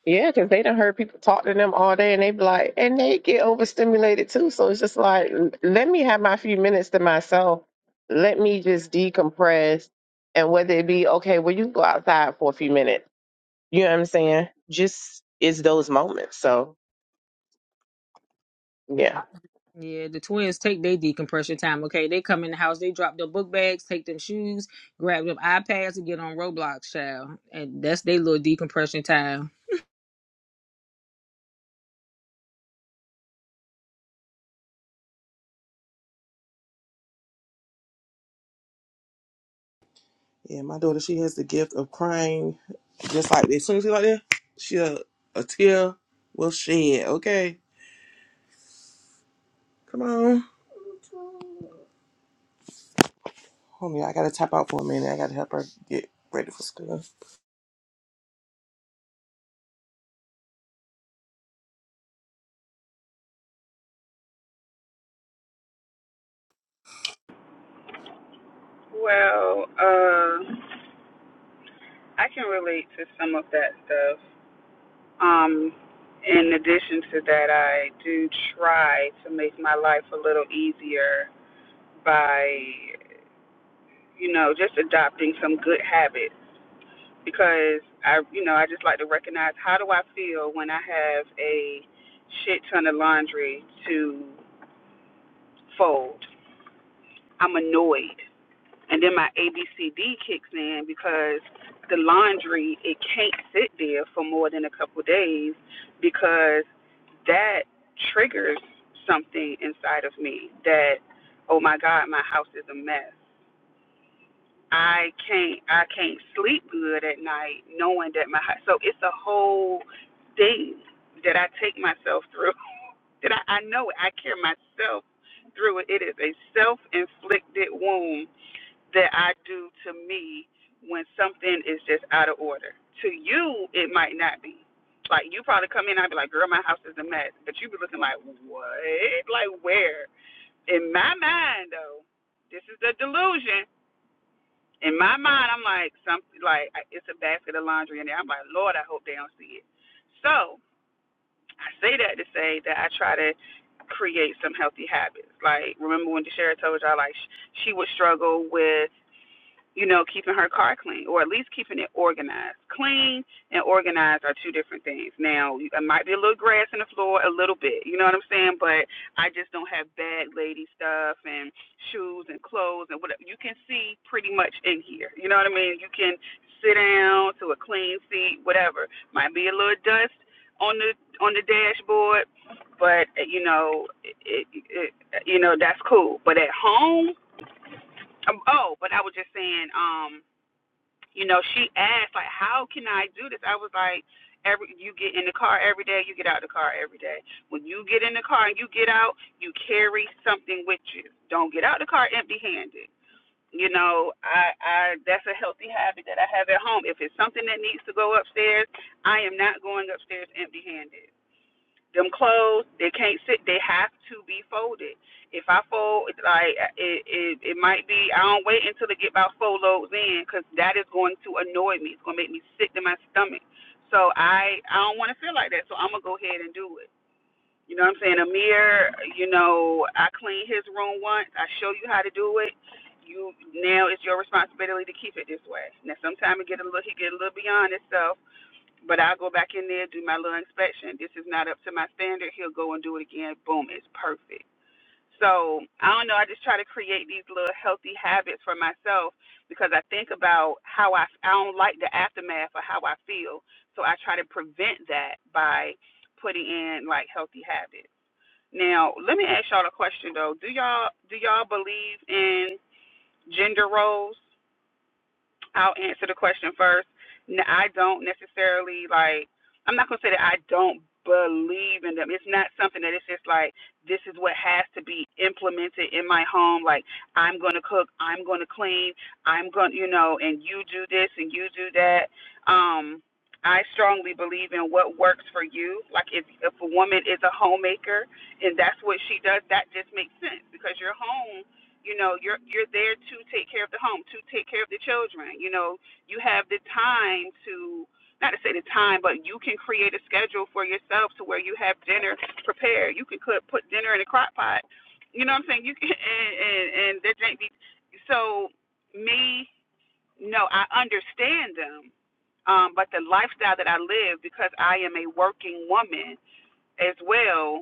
C: Yeah, because they done heard people talk to them all day and they be like, and they get overstimulated too. So it's just like, l- let me have my few minutes to myself. Let me just decompress. And whether it be, okay, well, you go outside for a few minutes. You know what I'm saying? Just it's those moments. So yeah,
E: Yeah, the twins take their decompression time. Okay, they come in the house, they drop their book bags, take them shoes, grab them iPads, and get on Roblox, child. And that's their little decompression time.
A: Yeah, my daughter, she has the gift of crying, just like as soon as you like that, she a, a tear will shed. Okay, Come on. Homie, I gotta tap out for a minute. I gotta help her get ready for school.
B: Well, uh, I can relate to some of that stuff. Um, in addition to that, I do try to make my life a little easier by, you know, just adopting some good habits. because I, you know, I just like to recognize how do I feel when I have a shit ton of laundry to fold. I'm annoyed, and then my ABCD kicks in because the laundry it can't sit there for more than a couple of days because that triggers something inside of me that oh my god my house is a mess I can't I can't sleep good at night knowing that my so it's a whole thing that I take myself through that I, I know it. I carry myself through it. It is a self inflicted wound that I do to me when something is just out of order. To you it might not be. Like you probably come in and I'd be like, Girl, my house is a mess but you be looking like, What? Like where? In my mind though, this is the delusion in my mind, I'm like, some like it's a basket of laundry in there. I'm like, Lord, I hope they don't see it. So I say that to say that I try to create some healthy habits. Like remember when DeShera told y'all like she would struggle with you know, keeping her car clean or at least keeping it organized. Clean and organized are two different things. Now, it might be a little grass in the floor, a little bit, you know what I'm saying? But I just don't have bad lady stuff and shoes and clothes and whatever. You can see pretty much in here, you know what I mean? You can sit down to a clean seat, whatever. Might be a little dust on the on the dashboard, but eh, you know, it, it, you know that's cool. But at home, um, oh, but I was just saying, um, you know, she asked like, "How can I do this?" I was like, "Every you get in the car every day, you get out of the car every day. When you get in the car and you get out, you carry something with you. Don't get out the car empty-handed." You know, I, I that's a healthy habit that I have at home. If it's something that needs to go upstairs, I am not going upstairs empty-handed them clothes they can't sit they have to be folded if i fold it's like it it, it might be i don't wait until they get about four loads in because that is going to annoy me it's going to make me sick to my stomach so i i don't want to feel like that so i'm going to go ahead and do it you know what i'm saying amir you know i clean his room once i show you how to do it you now it's your responsibility to keep it this way now sometimes it get a little he get a little beyond itself but I'll go back in there, do my little inspection. This is not up to my standard. He'll go and do it again. Boom, it's perfect. So I don't know. I just try to create these little healthy habits for myself because I think about how I I don't like the aftermath or how I feel. So I try to prevent that by putting in like healthy habits. Now let me ask y'all a question though. Do y'all do y'all believe in gender roles? I'll answer the question first. I I don't necessarily like. I'm not gonna say that I don't believe in them. It's not something that it's just like this is what has to be implemented in my home. Like I'm gonna cook, I'm gonna clean, I'm gonna, you know, and you do this and you do that. Um, I strongly believe in what works for you. Like if if a woman is a homemaker and that's what she does, that just makes sense because your home you know you're you're there to take care of the home to take care of the children you know you have the time to not to say the time but you can create a schedule for yourself to where you have dinner prepared you can cook, put dinner in a crock pot you know what i'm saying you can and and, and there can't be so me no i understand them um, but the lifestyle that I live because I am a working woman as well.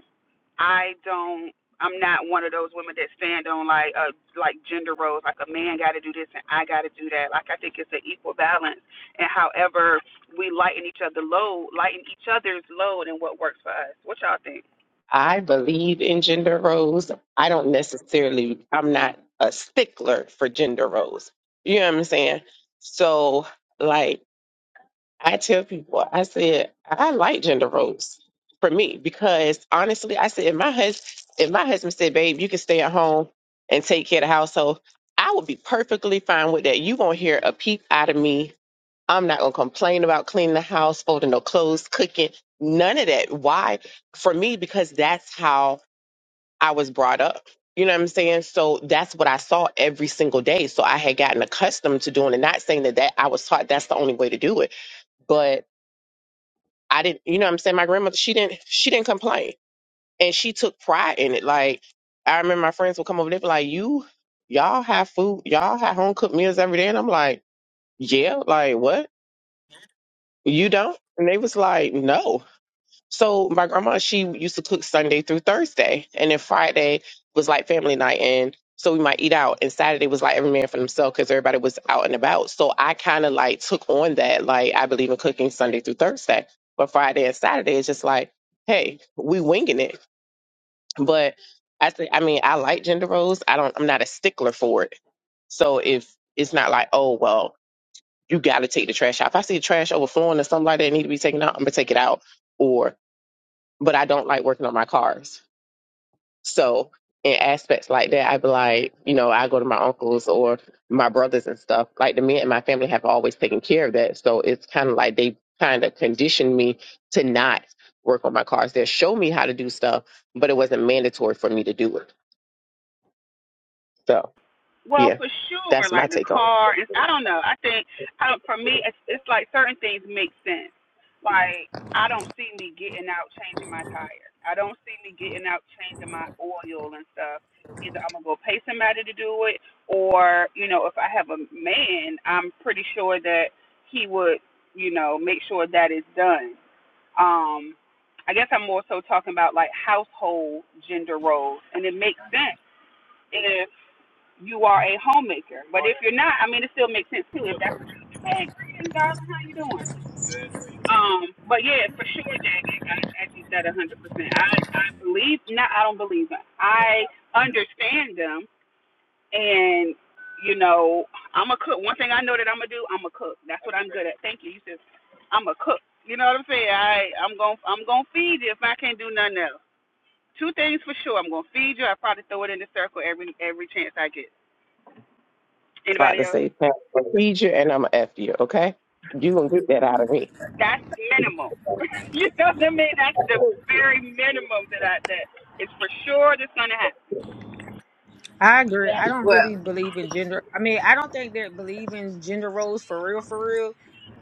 B: I don't. I'm not one of those women that stand on like uh, like gender roles. Like a man got to do this and I got to do that. Like I think it's an equal balance. And however we lighten each other load, lighten each other's load, and what works for us. What y'all think?
C: I believe in gender roles. I don't necessarily, I'm not a stickler for gender roles. You know what I'm saying? So, like. I tell people, I said, I like gender roles for me because honestly, I said, if my husband, if my husband said, babe, you can stay at home and take care of the household, I would be perfectly fine with that. You won't hear a peep out of me. I'm not going to complain about cleaning the house, folding no clothes, cooking, none of that. Why? For me, because that's how I was brought up. You know what I'm saying? So that's what I saw every single day. So I had gotten accustomed to doing it, not saying that, that I was taught that's the only way to do it. But I didn't, you know what I'm saying? My grandmother, she didn't, she didn't complain. And she took pride in it. Like, I remember my friends would come over there, be like, you, y'all have food, y'all have home cooked meals every day. And I'm like, yeah, like what? You don't? And they was like, no. So my grandma, she used to cook Sunday through Thursday, and then Friday was like family night, and so we might eat out. And Saturday was like every man for himself because everybody was out and about. So I kind of like took on that, like I believe in cooking Sunday through Thursday, but Friday and Saturday is just like, hey, we winging it. But I say, I mean, I like gender roles. I don't. I'm not a stickler for it. So if it's not like, oh well, you got to take the trash out. If I see the trash overflowing or something like that need to be taken out, I'm gonna take it out. or but I don't like working on my cars. So in aspects like that, I'd be like, you know, I go to my uncles or my brothers and stuff. Like the men in my family have always taken care of that. So it's kind of like they kind of conditioned me to not work on my cars. They show me how to do stuff, but it wasn't mandatory for me to do it. So
B: Well,
C: yeah,
B: for sure,
C: that's my
B: like the
C: take on it.
B: car, and I don't know. I think I don't, for me, it's, it's like certain things make sense. Like I don't see me getting out changing my tire. I don't see me getting out changing my oil and stuff. Either I'm gonna go pay somebody to do it, or you know, if I have a man, I'm pretty sure that he would, you know, make sure that is done. Um, I guess I'm more so talking about like household gender roles, and it makes sense if you are a homemaker. But if you're not, I mean, it still makes sense too. If that's hey, greetings, darling, how you doing? Um, but yeah, for sure, Jagged, I, I get that 100%. I I believe, not I don't believe them. I understand them, and you know, I'm a cook. One thing I know that I'm gonna do, I'm a cook. That's what I'm good at. Thank you. You said I'm a cook. You know what I'm saying? I I'm gonna I'm gonna feed you if I can't do nothing else. Two things for sure. I'm gonna feed you. I probably throw it in the circle every every chance I get. Anybody
C: Father
B: else?
C: say, "Parent will feed you and I'm going to F you, okay? You going to get that out of me.
B: That's minimum. You know what I mean? That's the very minimum that I that is for sure that's gonna happen.
E: I agree.
B: Yes.
E: I don't
F: Well,
E: really believe in gender. I mean, I don't think they believe in gender roles for real, for real.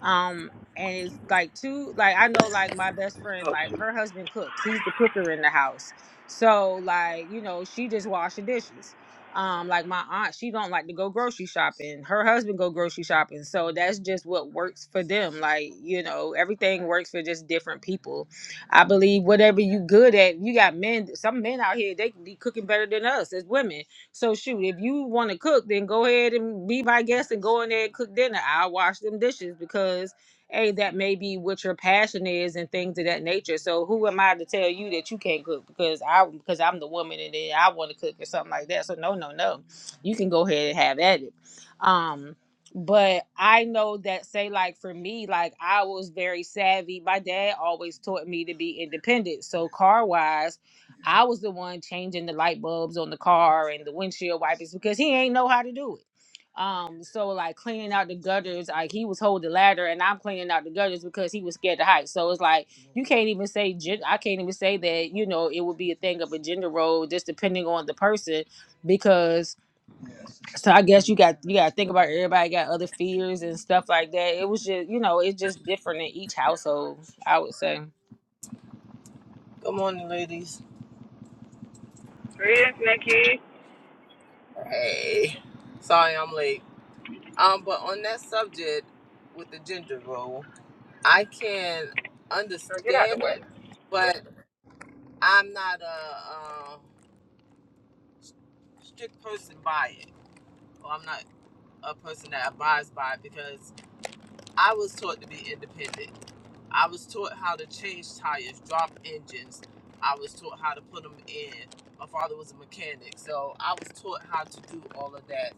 E: Um, and it's like two. Like I know, like my best friend,
B: oh
E: like
B: shoot.
E: her husband cooks. He's the cooker in the house. So like you know, she just wash the dishes. Um, like my aunt, she don't like to go grocery shopping. Her husband go grocery shopping. So that's just what works for them. Like you know, everything works for just different people. I believe whatever you good at, you got men. Some men out here they can be cooking better than us as women so shoot, if you want to cook, then go ahead and be my guest and go in there and cook dinner. I'll wash them dishes because hey, that may be what your passion is and things of that nature. So who am I to tell you that you can't cook because I because I'm the woman and then I want to cook or something like that. So no, no, no. You can go ahead and have at it. Um but I know that say like for me, like I was very savvy. My dad always taught me to be independent. So car wise I was the one changing the light bulbs on the car and the windshield wipers because he ain't know how to do it. Um, so like cleaning out the gutters, like he was holding the ladder and I'm cleaning out the gutters because he was scared to hike. So it's like you can't even say gen- I can't even say that you know it would be a thing of a gender role just depending on the person because so I guess you got you got to think about everybody got other fears and stuff like that. It was just you know it's just different in each household. I would say.
F: good morning, ladies.
B: Chris, Nikki,
F: Hey, sorry I'm late. Um, but on that subject with the gender role, I can
B: girl, get out of
F: understand
B: the way.
F: it, but I'm not a, uh strict person by it, or I'm not a person that abides by it because I was taught to be independent. I was taught how to change tires, drop engines. I was taught how to put them in. My father was a mechanic, so I was taught how to do all of that.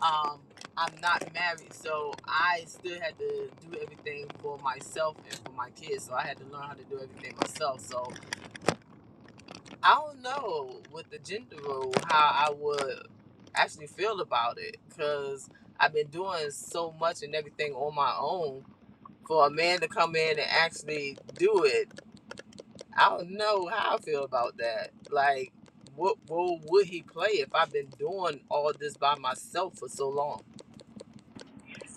F: Um, I'm not married, so I still had to do everything for myself and for my kids. So I had to learn how to do everything myself. So I don't know with the gender role how I would actually feel about it because I've been doing so much and everything on my own. For a man to come in and actually do it, I don't know how I feel about that. Like, what role would he play if I've been doing all this by myself for so long?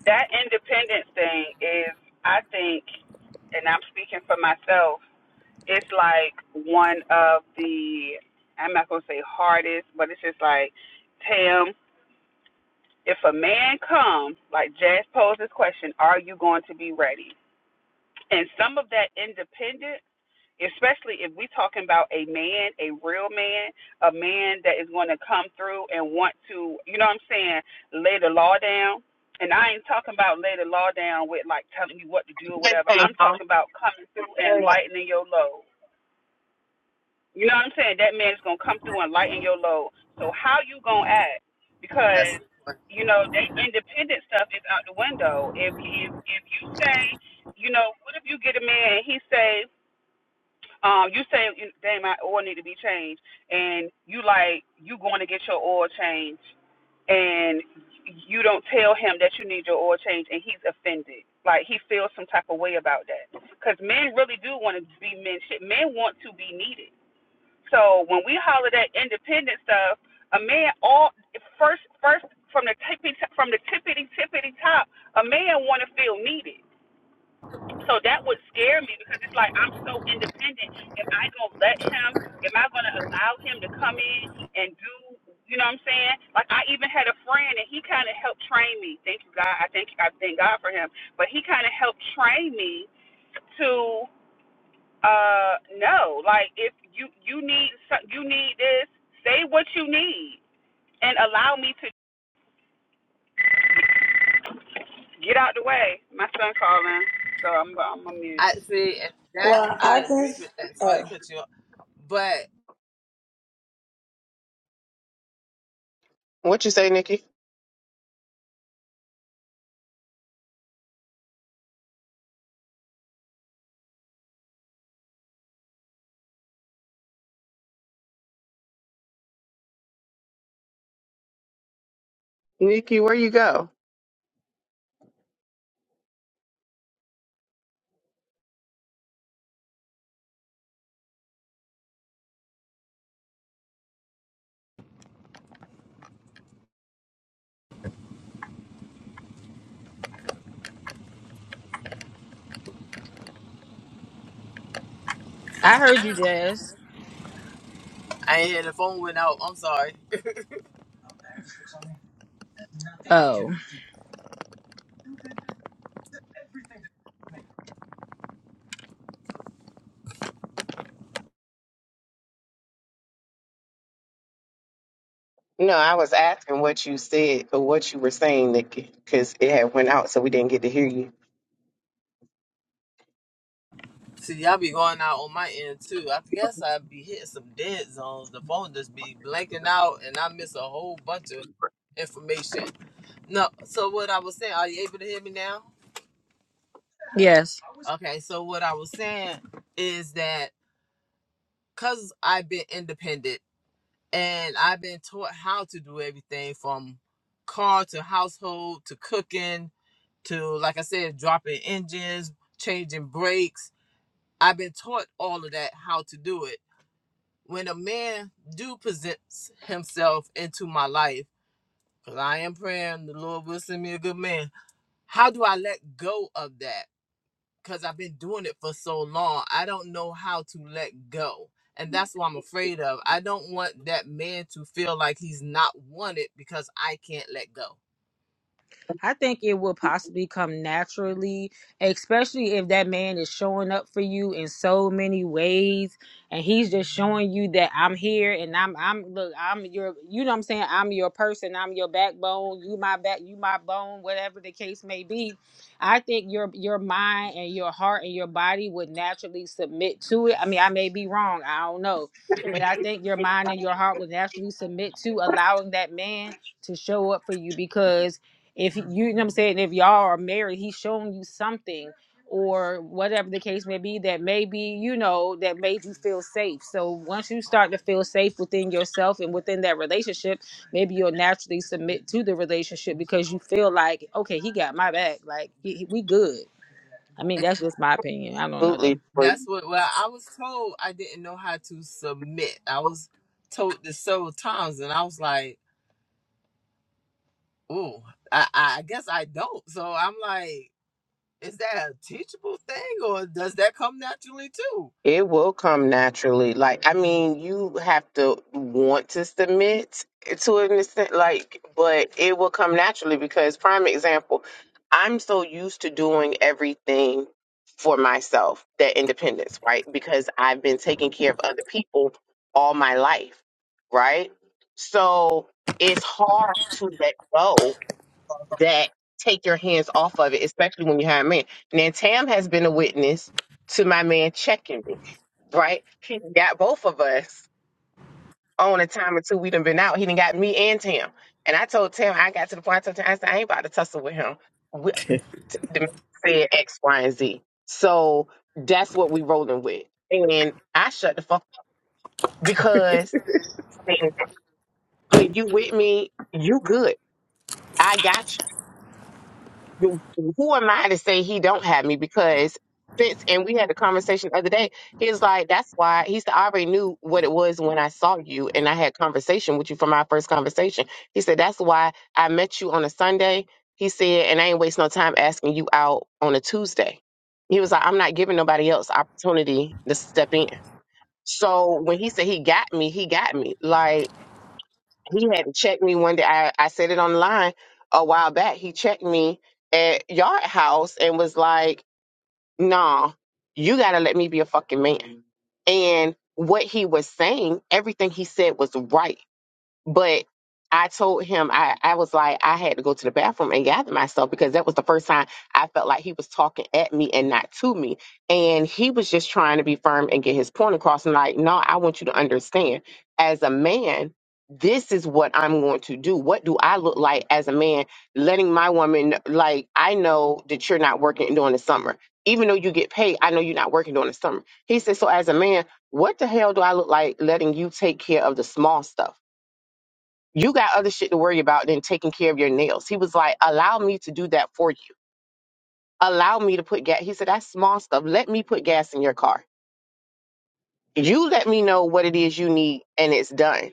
B: That independence thing is I think and I'm speaking for myself, it's like one of the I'm not gonna say hardest, but it's just like, Tam, if a man comes, like Jazz posed this question, are you going to be ready? And some of that independence, especially if we're talking about a man, a real man, a man that is going to come through and want to, you know what I'm saying, lay the law down. And I ain't talking about lay the law down with like telling you what to do or whatever.
C: Hey,
B: I'm talking about coming through and lightening your load. You know what I'm saying? That man is gonna come through and lighten your load. So how you gonna act?
F: That's
B: Because
F: the question.
B: you know that independent stuff is out the window. If if if you say, you know, what if you get a man and he say, um, you say, damn, my oil need to be changed, and you like you going to get your oil changed, and you don't tell him that you need your oil changed, and he's offended. Like he feels some type of way about that. Because men really do want to be men. Shit, men want to be needed so when we holler that independent stuff, a man all first first from the tippy from the tippity tippity top, a man want to feel needed. So that would scare me because it's like I'm so independent. Am I gonna let him? Am I gonna allow him to come in and do? You know what I'm saying? Like I even had a friend and he kind of helped train me. Thank you God. I thank I thank God for him. But he kind of helped train me to uh no like if you you need some- you need this say what you need and allow me to get out the way my son calling so i'm i'm on mute
F: I see, and that
D: Well, I
F: I agree
D: just,
F: with that. Sorry
D: oh.
F: to cut you off, but
C: what you say, Nikki? Nikki, where you go?
E: I heard you, Jazz.
F: I ain't hear the phone went out. I'm sorry.
E: Oh
C: No, I was asking what you said or what you were saying, Nikki, because it had went out, so we didn't get to hear you.
F: See, y'all be going out on my end too. I guess I be hitting some dead zones. The phone just be blanking out, and I miss a whole bunch of information. No, so what I was saying, are you able to hear me now?
E: yes.
F: Okay, so what I was saying is that. because I've been independent and I've been taught how to do everything from car to household to cooking to, like I said, dropping engines, changing brakes. I've been taught all of that, how to do it. When a man do presents himself into my life, because I am praying the Lord will send me a good man, how do I let go of that? because I've been doing it for so long. I don't know how to let go. And that's what I'm afraid of. I don't want that man to feel like he's not wanted because I can't let go.
E: I think it will possibly come naturally, especially if that man is showing up for you in so many ways and he's just showing you that I'm here and I'm I'm look, I'm your you know what I'm saying, I'm your person, I'm your backbone, you my back, you my bone, whatever the case may be. I think your your mind and your heart and your body would naturally submit to it. I mean, I may be wrong, I don't know. But I think your mind and your heart would naturally submit to allowing that man to show up for you because if you you know what I'm saying, if y'all are married, he's showing you something or whatever the case may be that maybe you know that made you feel safe. So once you start to feel safe within yourself and within that relationship, maybe you'll naturally submit to the relationship because you feel like, okay, he got my back, like he, he- we good. I mean,
F: And
E: that's just my opinion. I don't know though.
C: Absolutely, but
F: that's what well, I was told I didn't know how to submit. I was told this several times and I was like, oh, I, I I guess I don't. So I'm like, is that a teachable thing or does that come naturally too?
C: it will come naturally. Like, I mean, you have to want to submit to an extent, like, but it will come naturally because, prime example, I'm so used to doing everything for myself, that independence, right? Because I've been taking care of other people all my life, right? So it's hard to let go that take your hands off of it, especially when you hire a man. Now, Tam has been a witness to my man checking me, right? He done got both of us on a time or two we done been out. He done got me and Tam. And I told Tam, I got to the point, I told Tam, I said, I ain't about to tussle with him. We, the man said X, Y, and Z. So that's what we rolling with. And I shut the fuck up because when you with me, you good. I got you. who who am I to say he don't have me? Because since and we had a conversation the other day, he was like, "That's why." He said, "I already knew what it was when I saw you, and I had conversation with you from our first conversation." He said, "That's why I met you on a Sunday." He said, "And I ain't waste no time asking you out on a Tuesday." He was like, "I'm not giving nobody else opportunity to step in." So when he said he got me, he got me. Like he had to check me one day. I, I said it online a while back. He checked me at Yard House and was like, nah, you got to let me be a fucking man. And what he was saying, everything he said was right but I told him I, I was like I had to go to the bathroom and gather myself because that was the first time I felt like he was talking at me and not to me. And he was just trying to be firm and get his point across and like, no, I want you to understand as a man, this is what I'm going to do. What do I look like as a man letting my woman like I know that you're not working during the summer. Even though you get paid, I know you're not working during the summer. He said, So as a man, what the hell do I look like letting you take care of the small stuff? you got other shit to worry about than taking care of your nails. He was like, allow me to do that for you. Allow me to put gas. He said, that's small stuff. Let me put gas in your car. You let me know what it is you need and it's done.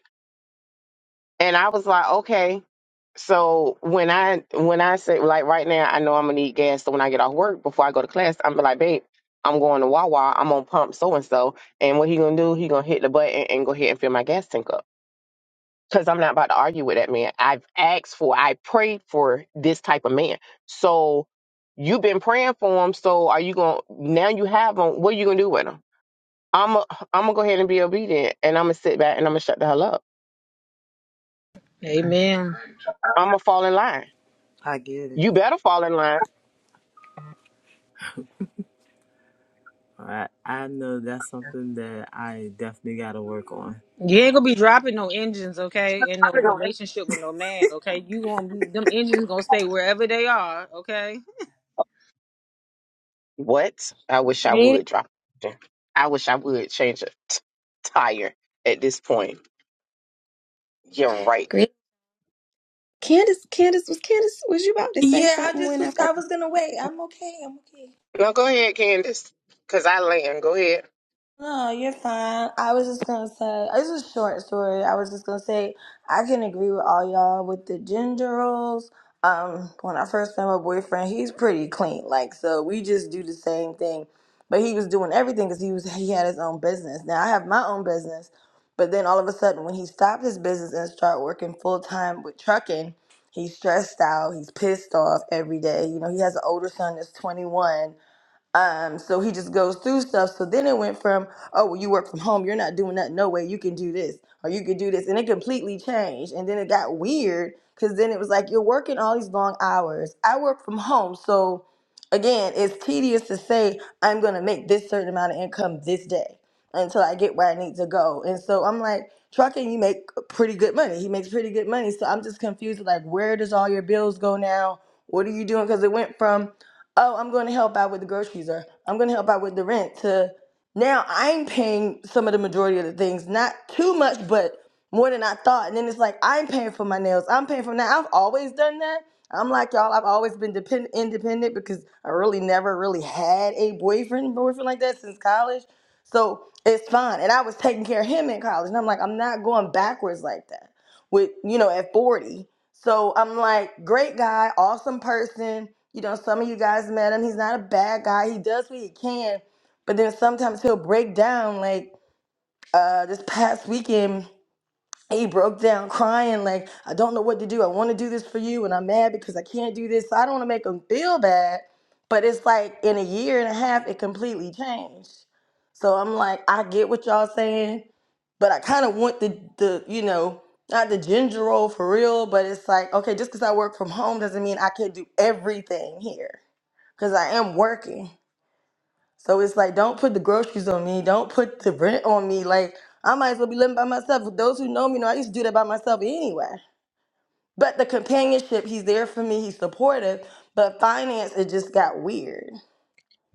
C: And I was like, okay. So when I when I say like right now, I know I'm gonna need gas. So when I get off work before I go to class, I'm be like, babe, I'm going to Wawa. I'm gonna pump so and so. And what he gonna do? He gonna hit the button and go ahead and fill my gas tank up. because I'm not about to argue with that man. I've asked for, I prayed for this type of man. So you've been praying for him. So are you going to, now you have him, what are you going to do with him? I'm going I'm to go ahead and be obedient and I'm going to sit back and I'm going to shut the hell up.
E: Amen.
C: I'm going to fall in line.
F: I get it.
C: You better fall in line.
F: I I know that's something that I definitely got to work on.
E: You ain't gonna be dropping no engines, okay, in no relationship with no man, okay. You gonna be them engines gonna stay wherever they are, okay.
C: What? I wish I
G: Great,
C: would drop it. I wish I would change a t- tire at this point. You're right.
G: great. Candace, Candace, was Candace, was you about to say
D: yeah, I
G: something
D: just
G: when I
D: was, I
G: first?
D: was going to wait. I'm okay. I'm okay.
C: No, go ahead, Candace, because I land. Go ahead.
D: No, you're fine. I was just gonna say it's a short story. I was just gonna say I can agree with all y'all with the ginger rolls. Um, when I first met my boyfriend, he's pretty clean. Like, so we just do the same thing, but he was doing everything because he was he had his own business. Now I have my own business, but then all of a sudden, when he stopped his business and started working full time with trucking, he's stressed out. He's pissed off every day. You know, he has an older son that's 21 um, so he just goes through stuff. So then it went from, oh, well, you work from home, you're not doing that. No way, you can do this or you can do this, and it completely changed. And then it got weird because then it was like you're working all these long hours. I work from home, so again, it's tedious to say I'm gonna make this certain amount of income this day until I get where I need to go. And so I'm like, trucking, you make pretty good money. He makes pretty good money. So I'm just confused, like, where does all your bills go now? What are you doing? Because it went from oh, I'm going to help out with the groceries or I'm going to help out with the rent to now I'm paying some of the majority of the things, not too much, but more than I thought. And then it's like, I'm paying for my nails. I'm paying for now. I've always done that. I'm like y'all, I've always been depend- independent because I really never really had a boyfriend, boyfriend like that since college. So it's fine. And I was taking care of him in college. And I'm like, I'm not going backwards like that with, you know, at 40. So I'm like, great guy, awesome person. You know, some of you guys met him. He's not a bad guy. He does what he can. But then sometimes he'll break down. Like uh, this past weekend, he broke down crying like i don't know what to do i want to do this for you and i'm mad because i can't do this So, i don't want to make him feel bad but it's like in a year and a half it completely changed so i'm like i get what y'all saying but i kind of want the the you know not the ginger roll for real but it's like okay just because i work from home doesn't mean i can't do everything here because i am working so it's like, don't put the groceries on me. Don't put the rent on me. Like, I might as well be living by myself. For those who know me know I used to do that by myself anyway. But the companionship, he's there for me. He's supportive. But finance, it just got weird.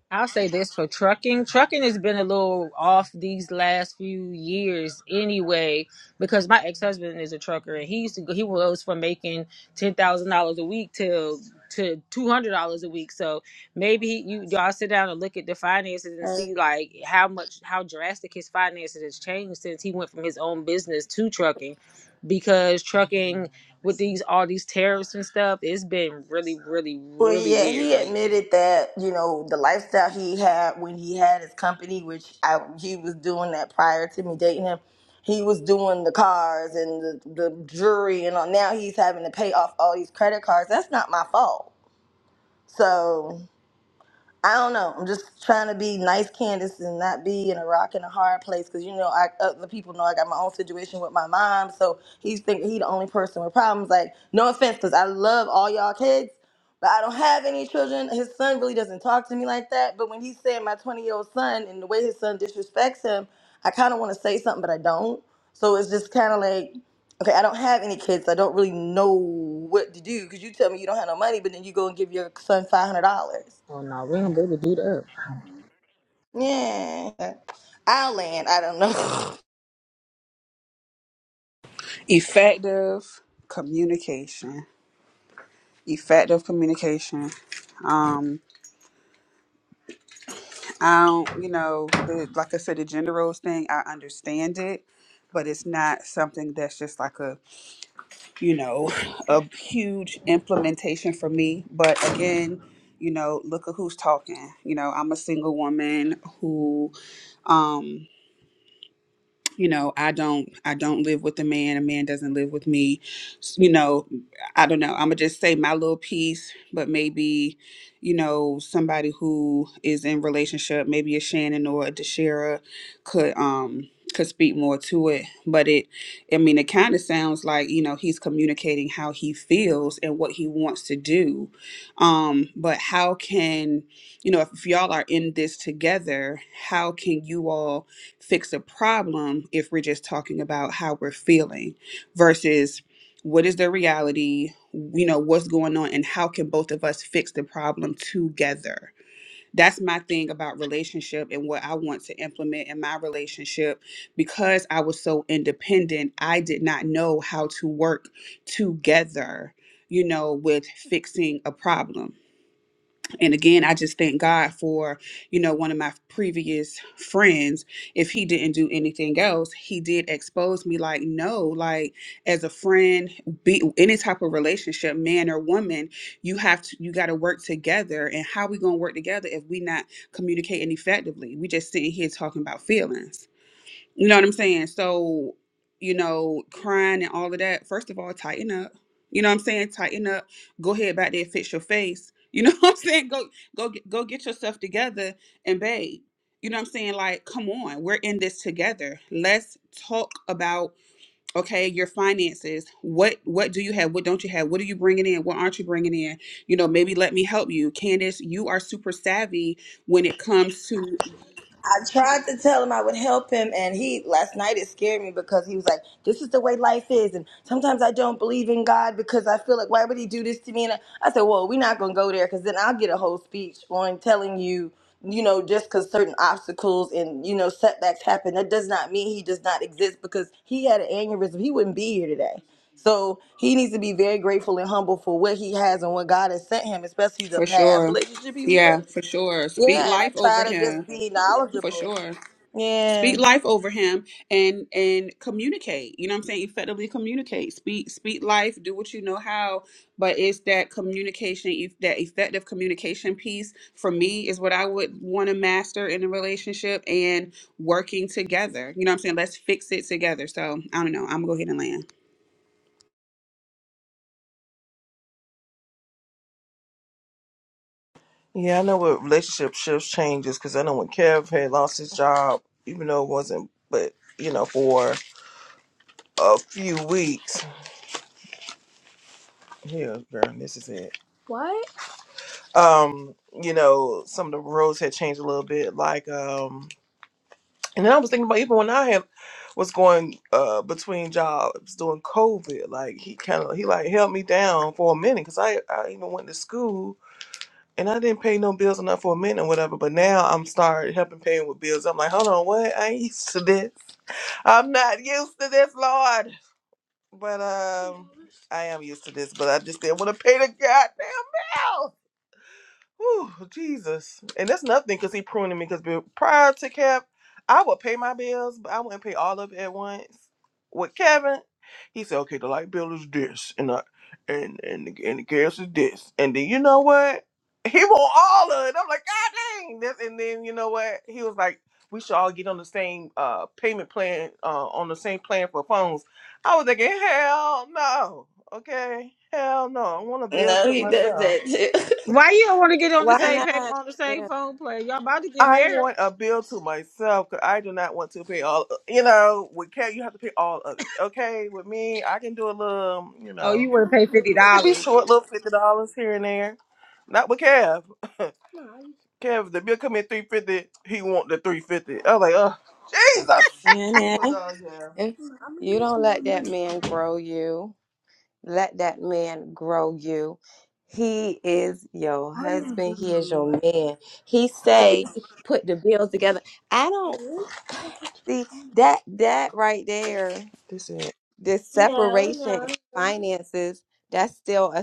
E: I'll say this for trucking. Trucking has been a little off these last few years anyway, because my ex husband is a trucker and he used to go, he goes from making ten thousand dollars a week to to two hundred dollars a week. So maybe he, you y'all sit down and look at the finances and
D: Right.
E: see like how much how drastic his finances has changed since he went from his own business to trucking, because trucking with these all these tariffs and stuff, it's been really really
D: Well,
E: really
D: yeah,
E: weird
D: he
E: lately.
D: admitted that, you know, the lifestyle he had when he had his company, which I, he was doing that prior to me dating him. He was doing the cars and the, the jewelry and all. Now he's having to pay off all these credit cards. That's not my fault. So I don't know. I'm just trying to be nice, Candace, and not be in a rock and a hard place because you know, I other people know I got my own situation with my mom, so he's thinking he the only person with problems. Like, no offense, because I love all y'all kids, but I don't have any children. His son really doesn't talk to me like that. But when he's saying my 20 year old son and the way his son disrespects him, I kind of want to say something, but I don't. So it's just kind of like, okay, I don't have any kids. I don't really know what to do because you tell me you don't have no money, but then you go and give your son five hundred dollars
E: Oh no, we don't be do that.
D: yeah. I'll land. I don't know.
B: Effective communication. Effective communication. Um, I don't, you know, the, like I said, the gender roles thing, I understand it, but it's not something that's just like a you know, a huge implementation for me. But again, you know, look at who's talking. You know, I'm a single woman who um, you know i don't i don't live with a man a man doesn't live with me S- you know i don't know i'm gonna just say my little piece but maybe you know somebody who is in relationship maybe a shannon or a deshera could um could speak more to it but it i mean it kind of sounds like you know he's communicating how he feels and what he wants to do um but how can you know if y'all are in this together how can you all fix a problem if we're just talking about how we're feeling versus what is the reality you know what's going on and how can both of us fix the problem together that's my thing about relationship and what i want to implement in my relationship because i was so independent i did not know how to work together you know with fixing a problem and again, I just thank God for, you know, one of my previous friends. If he didn't do anything else, he did expose me like, no, like as a friend, be any type of relationship, man or woman, you have to you gotta work together. And how we gonna work together if we not communicating effectively? We just sitting here talking about feelings. You know what I'm saying? So, you know, crying and all of that, first of all, tighten up. You know what I'm saying? Tighten up. Go ahead back there, fix your face. You know what I'm saying? Go go get- go get yourself together and babe. You know what I'm saying? Like, come on, we're in this together. Let's talk about okay, your finances. What what do you have? What don't you have? What are you bringing in? What aren't you bringing in? You know, maybe let me help you. Candace, you are super savvy when it comes to
D: I tried to tell him I would help him, and he last night it scared me because he was like, "This is the way life is," and sometimes I don't believe in God because I feel like, why would He do this to me? And I, I said, "Well, we're not gonna go there because then I'll get a whole speech on telling you, you know, just because certain obstacles and you know setbacks happen, that does not mean He does not exist because He had an aneurysm, He wouldn't be here today." So he needs to be very grateful and humble for what he has and what God has sent him, especially the
B: For
D: past
B: sure.
D: relationship he was
B: Yeah,
D: in.
B: for sure. Speak
D: Yeah, and I
B: life over
D: try to just
B: him.
D: be
B: For
D: knowledgeable.
B: sure. Speak
D: Yeah.
B: life over him and and communicate. You know what I'm saying? Effectively communicate. Speak speak life, do what you know how, but it's that communication, if that effective communication piece for me is what I would want to master in a relationship and working together. You know what I'm saying? Let's fix it together. So, I don't know. I'm going to go ahead and land.
A: Yeah, I know what relationship shifts changes because I know when Kev had lost his job, even though it wasn't, but you know, for a few weeks. Yeah, girl, this is it. What? Um, you know, some of the rules had changed a little bit. Like, um, And then I was thinking about even when I had was going uh between jobs during COVID, like he kind of he like held me down for a minute because I I even went to school and I didn't pay no bills enough for a minute or whatever. But now I'm started helping paying with bills. I'm like, hold on, what? I ain't used to this. I'm not used to this, Lord. But um, I am used to this. But I just didn't want to pay the goddamn bill. Whew, Jesus. And that's nothing because he pruning me because prior to Cap, I would pay my bills, but I wouldn't pay all of it at once. With Kevin, he said, okay, the light bill is this and I and and the, and the gas is this. And then you know what? He want all of it. I'm like, God dang. That's, and then you know what? He was like, we should all get on the same uh payment plan, uh on the same plan for phones. I was thinking, hell no. Okay. Hell no. I want a bill
D: No,
A: to
D: he does
A: myself.
D: that
E: Why you don't want to get on the
G: Why
E: same paper
G: not?
E: on the same
G: Yeah.
E: phone play? Y'all about to get
A: I
E: married.
A: want a bill to myself because I do not want to pay all. You know, with Kat, you have to pay all of it. Okay, with me, I can do a little. um, You
E: Oh, you
A: know,
E: want to pay fifty
A: it can be
E: dollars?
A: short, little fifty dollars here and there. Not with Kev. Kev, the bill come in three fifty. He want the three fifty. I was like, oh, Jesus.
G: yeah,
A: But uh, yeah.
G: yeah. you don't let that man grow you, let that man grow you. He is your husband. He is your man. He say, put the bills together. I don't see that that right there.
A: This is.
G: this separation in finances that's still a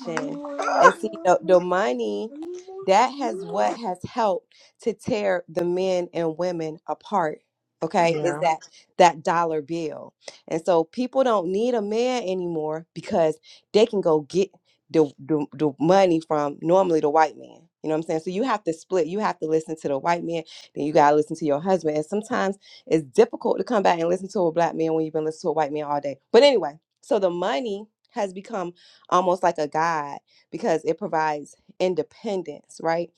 A: One more, one more,
G: and
A: one
G: see the,
A: more,
G: the money
A: one more,
G: that has
A: one
G: what
A: more.
G: has helped to tear the men and women apart okay is
A: Yeah,
G: that that dollar bill and so people don't need a man anymore because they can go get the, the, the money from normally the white man you know what i'm saying so you have to split you have to listen to the white man then you got to listen to your husband and sometimes it's difficult to come back and listen to a black man when you've been listening to a white man all day. But anyway, so the money has become almost like a guide because it provides independence, right?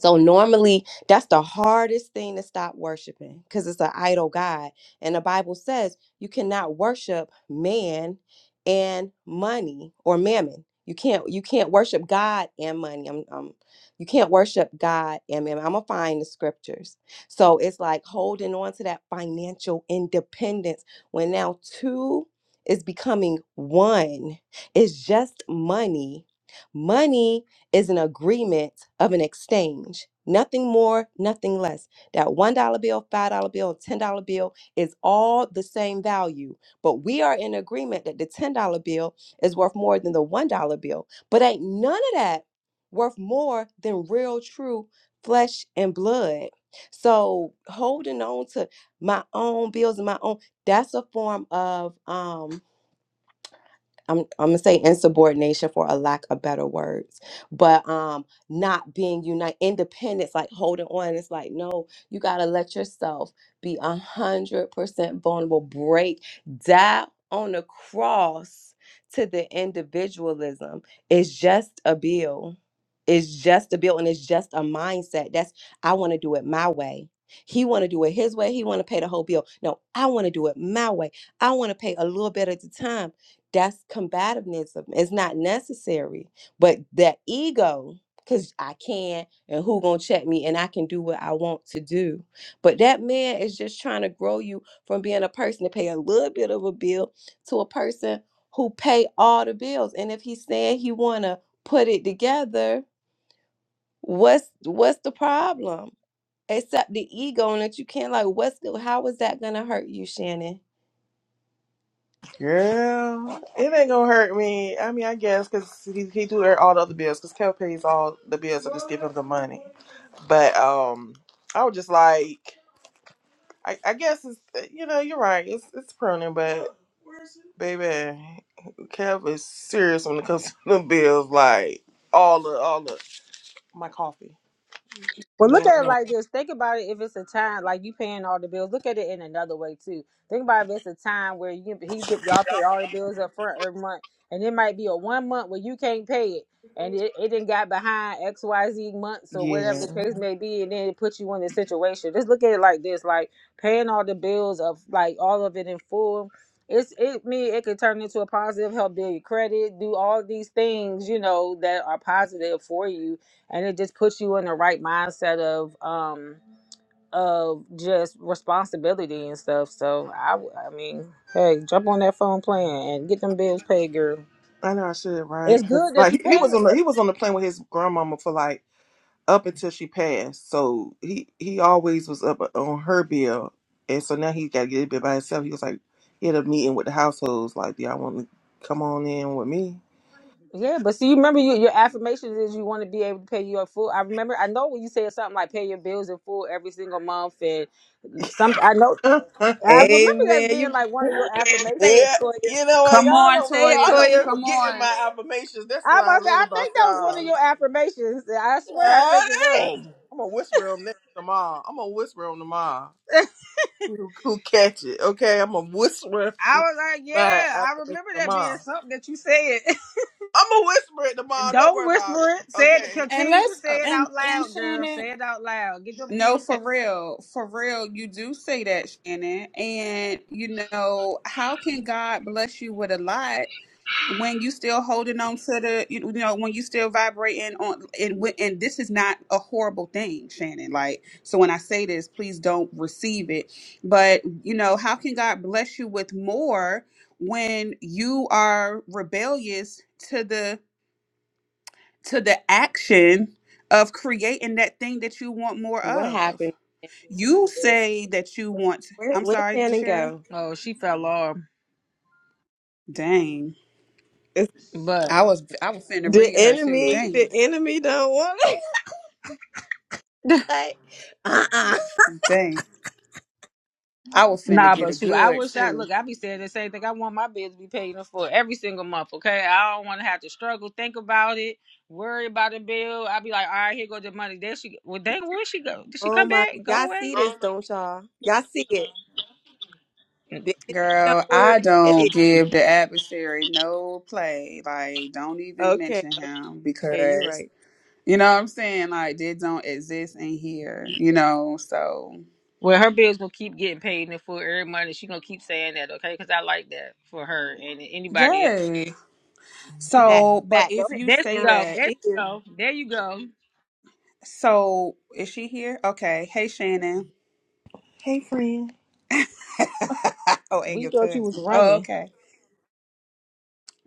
G: So normally that's the hardest thing to stop worshiping because it's an idol God. And the Bible says you cannot worship man and money or mammon. You can't you can't worship God and money. Um, um, you can't worship God and mammon. I'm gonna find the scriptures. So it's like holding on to that financial independence when now two is becoming one. It's just money. Money is an agreement of an exchange. Nothing more, nothing less. That $1 bill, $5 bill, $10 bill is all the same value. But we are in agreement that the $10 bill is worth more than the $1 bill. But ain't none of that worth more than real, true flesh and blood. So holding on to my own bills and my own, that's a form of um I'm, I'm gonna say insubordination for a lack of better words, but um, not being unite, independence, like holding on. It's like no, you gotta let yourself be a hundred percent vulnerable. Break down on the cross to the individualism. It's just a bill. It's just a bill, and it's just a mindset. That's I want to do it my way. He want to do it his way. He want to pay the whole bill. No, I want to do it my way. I want to pay a little bit at a time. That's combativism. It's not necessary. But that ego, because I can and who gonna check me and I can do what I want to do. But that man is just trying to grow you from being a person to pay a little bit of a bill to a person who pay all the bills. And if he's saying he wanna put it together, what's what's the problem? Except the ego and that you can't like what's the how is that gonna hurt you, Shannon?
A: girl, it ain't gonna hurt me. I mean, I guess because he, he do all the other bills because Kel pays all the bills I just give him the money. But um, I was just like, I, I guess it's you know you're right. It's it's pruning, but baby, Kev is serious when it comes to the bills. Like all the all the my coffee. You
E: Well,
A: know
E: look
A: what I
E: at it
A: want?
E: like this. Think about it. If it's a time like you paying all the bills, look at it in another way too. Think about if it's a time where you he y'all pay all the bills up front every month, and it might be a one month where you can't pay it, and it it did got behind X Y Z months or whatever
A: Yeah.
E: the case may be, and then it puts you in this situation. Just look at it like this: like paying all the bills of like all of it in full. It's it me. It could turn into a positive, help build your credit, do all these things you know that are positive for you and it just puts you in the right mindset of um of just responsibility and stuff. So I w- I mean, hey, jump on that phone plan and get them bills paid, girl.
A: I know I should,
E: It's
A: right? Because
E: good that you
A: like he
E: paying.
A: was on the he
E: look,
A: was on the plane with his grandmama for like up until she passed. So he he always was up uh, on her bill, and so now he got to get a bit by himself. He was like he had a meeting with the households. Like, do y'all want to come on in with me?
E: Yeah, but see, you remember you, your affirmations is you want to be able to pay your full. I remember, I know when you said something like pay your bills in full every single month, and some. I know,
A: yeah,
E: I remember that
G: Amen. You
E: being like one of your
G: say it,
E: affirmations.
G: Toya.
A: you know what?
B: Come
A: Y'all
B: on,
A: don't
G: Say it,
A: y'all
B: Toya.
A: don't be
G: Toya.
B: Come
A: forgetting
B: on.
A: my affirmations. That's
E: I
A: what
E: was about
A: I
E: to say,
A: love
E: I
A: about
E: think that was one of
A: y'all.
E: your affirmations. I swear, I think it was.
A: Hey! I'm gonna whisper on that tomorrow. I'm gonna whisper on tomorrow. Who who catch it? Okay, I'm a whisperer.
E: I was like,
A: by
E: yeah, I
A: affirmation
E: remember that being
A: tomorrow.
E: something that you said.
A: I'm a whisper it tomorrow. Don't
E: Don't
A: worry about it.
E: whisper it. Say it.
A: Okay.
B: And
E: Continue to
B: let's uh,
E: say it
B: and
E: out
B: and
E: loud, girl.
B: Shannon.
E: Say it out loud. Get your
B: No,
E: bills paid.
B: for real. For real, you do say that, Shannon. And you know, how can God bless you with a lot when you still holding on to the you you know, when you still vibrating on and when- and this is not a horrible thing, Shannon. Like, so when I say this, please don't receive it. But, you know, how can God bless you with more when you are rebellious to the to the action of creating that thing that you want more
G: What
B: of?
G: happened?
B: You say that you want.
G: Where
B: I'm
G: where
B: sorry,
G: Shannon
B: Jashira.
G: go?
E: Oh, she fell off.
B: Dang,
G: It's
B: I
E: But
B: was I was finna
G: the
B: read her too.
G: enemy. The
B: Dang,
G: enemy don't want it. cut. Uh uh
B: dang, I was finna
E: nah,
B: get a
E: but shoot, I
B: good
E: wish I
B: too.
E: look. I be saying the same thing. I want my bills to be paid in full every single month. Okay, I don't want to have to struggle, think about it, worry about the bill. I be like, all right, here go the money. There she. Well, dang, where she go? Did she
G: Oh
E: come
G: my!
E: back? Go
G: Y'all
E: away?
G: see this, don't y'all? Y'all see it? The enemy don't
B: Girl,
G: want her
B: I
G: to get
B: don't
G: it.
B: give the adversary no play. Like, don't even
G: Okay,
B: mention him
G: okay, you
B: because
G: right.
B: you know what I'm saying. Like, they don't exist in here. You know, so
E: Well, her bills gonna keep getting paid in full every month, and she gonna keep saying that, okay? Because I like that for her and anybody else.
B: yay.
G: She back. She
B: So, but
G: back. Go
B: if
G: ahead,
B: you
E: There
B: say
E: you
G: Sam.
E: go.
B: that,
E: There you
G: She here.
E: go. There you go.
B: so is she here? Okay. Hey, Shannon.
A: Hey, friend.
B: oh, and
E: We
B: your
E: thought you was
B: cousin. Oh,
E: running.
B: okay.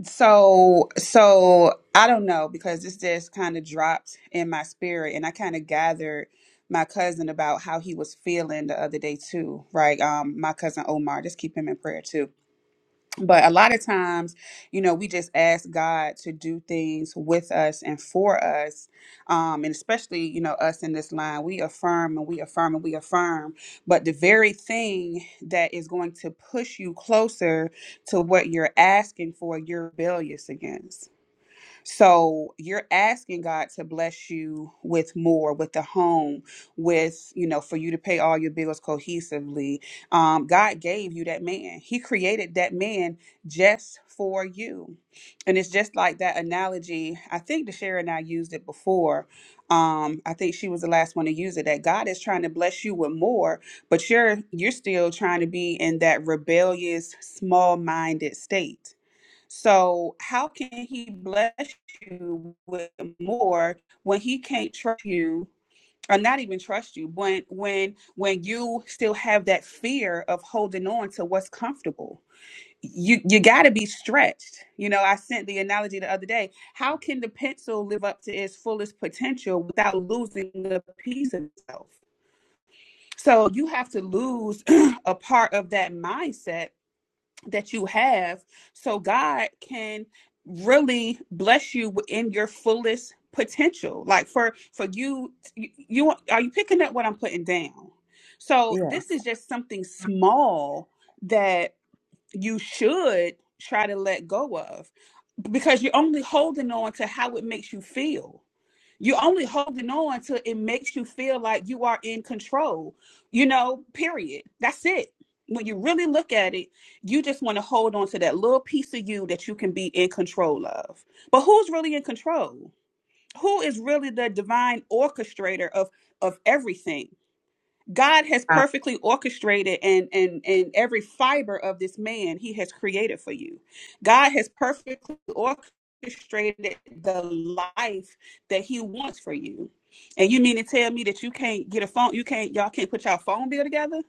B: So, so I don't know because this just kind of dropped in my spirit, and I kind of gathered my cousin about how he was feeling the other day too. Right, um, my cousin Omar. Just keep him in prayer too but a lot of times you know we just ask god to do things with us and for us um and especially you know us in this line we affirm and we affirm and we affirm but the very thing that is going to push you closer to what you're asking for you're rebellious against so you're asking God to bless you with more, with the home, with, you know, for you to pay all your bills cohesively. Um, God gave you that man, He created that man just for you. And it's just like that analogy. I think DeShera and I used it before. Um, I think she was the last one to use it that God is trying to bless you with more, but you're you're still trying to be in that rebellious, small-minded state so how can he bless you with more when he can't trust you or not even trust you when when when you still have that fear of holding on to what's comfortable? You you got to be stretched. You know, I sent the analogy the other day. How can the pencil live up to its fullest potential without losing a piece of itself? So you have to lose a part of that mindset that you have so God can really bless you in your fullest potential like for for you you, you are you picking up what I'm putting down so
A: Yes.
B: this is just something small that you should try to let go of because you're only holding on to how it makes you feel you're only holding on till it makes you feel like you are in control, you know, period. That's it. When you really look at it, you just want to hold on to that little piece of you that you can be in control of. But who's really in control? Who is really the divine orchestrator of of everything? God has
C: Hi,
B: perfectly orchestrated and and and every fiber of this man he has created for you. God has perfectly orchestrated the life that he wants for you. And you mean to tell me that you can't get a phone, you can't y'all can't put your phone bill together?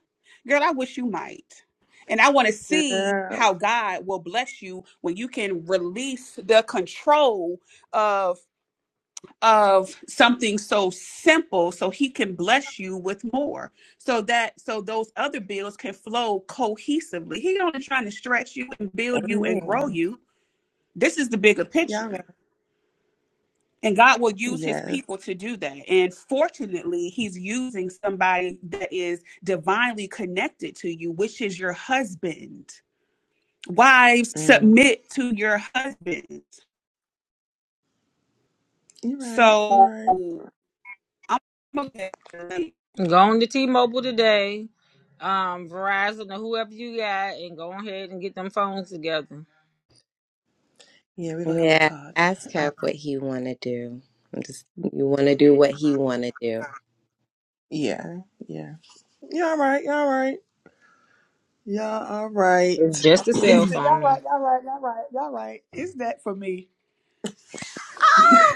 B: Girl, I wish you might. And I want to see
A: Girl.
B: how God will bless you when you can release the control of of something so simple so he can bless you with more so that so those other bills can flow cohesively He's only trying to stretch you and build you and grow
A: Amen.
B: you this is the bigger
A: Y'all right.
B: picture and god will use his
A: Yes.
B: people to do that and fortunately he's using somebody that is divinely connected to you which is your husband wives
A: Mm.
B: submit to your husbands
A: You're right. You're
B: so
A: right.
B: i'm okay
E: Go on to T-Mobile today, um, Verizon or whoever you got, and go ahead and get them phones together.
A: Yeah, we're gonna have a
G: Yeah.
A: talk.
G: Ask
A: Uh,
G: her what he want to do. Just you want to do what he want to
A: yeah. Yeah. Y'all right. Y'all right. Y'all all right.
E: It's just a
B: It's
E: cell
B: the y'all
E: phone.
B: right, y'all right, y'all right, y'all right. It's that for me.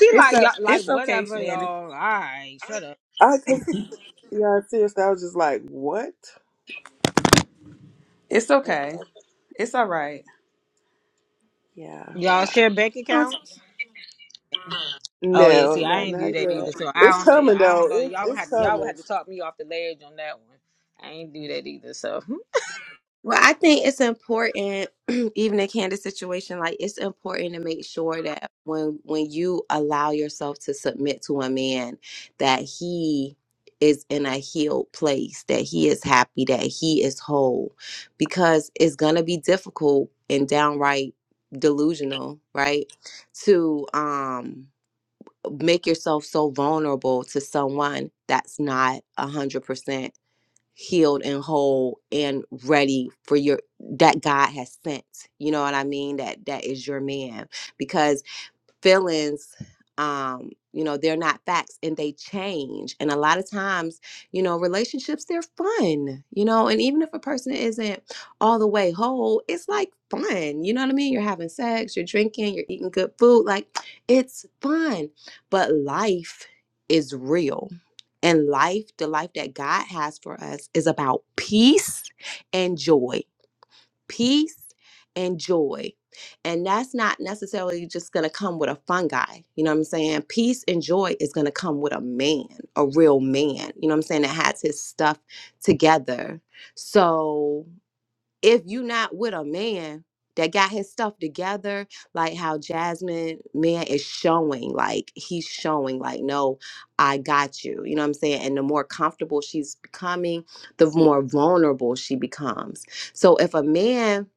E: She
B: It's
E: like y'all,
B: a
E: like
B: it's okay,
E: whatever
B: Shannon.
E: y'all. All right, shut up.
A: I just, yeah, seriously, I was just like, what?
B: It's okay. It's all right.
A: Yeah.
E: Y'all share bank
G: do.
E: accounts. Oh yeah,
A: No,
E: see, I
A: not
E: ain't do
A: not
E: that
A: yet.
E: either. So I
A: It's
E: don't know. Yeah,
A: coming
E: I don't
A: though.
E: know.
A: It,
E: Y'all would
A: it's
E: have to, y'all would
A: coming.
E: have to talk me off the ledge on that one. I ain't do that either. So
G: Well, I think it's important, even in Candace's situation, like it's important to make sure that when when you allow yourself to submit to a man, that he is in a healed place, that he is happy, that he is whole, because it's gonna be difficult and downright delusional, right? To um make yourself so vulnerable to someone that's not a hundred percent healed and whole and ready for your that God has sent. You know what I mean? That that is your man because feelings um you know they're not facts and they change and a lot of times you know relationships they're fun you know and even if a person isn't all the way whole it's like fun you know what i mean you're having sex you're drinking you're eating good food like it's fun but life is real and life, the life that God has for us, is about peace and joy. Peace and joy. And that's not necessarily just going to come with a fungi. You know what I'm saying? Peace and joy is going to come with a man, a real man. You know what I'm saying? That has his stuff together. So if you not with a man that got his stuff together, like how Jasmine man is showing, like he's showing, like, no, I got you. You know what I'm saying? And the more comfortable she's becoming, the more vulnerable she becomes. So if a man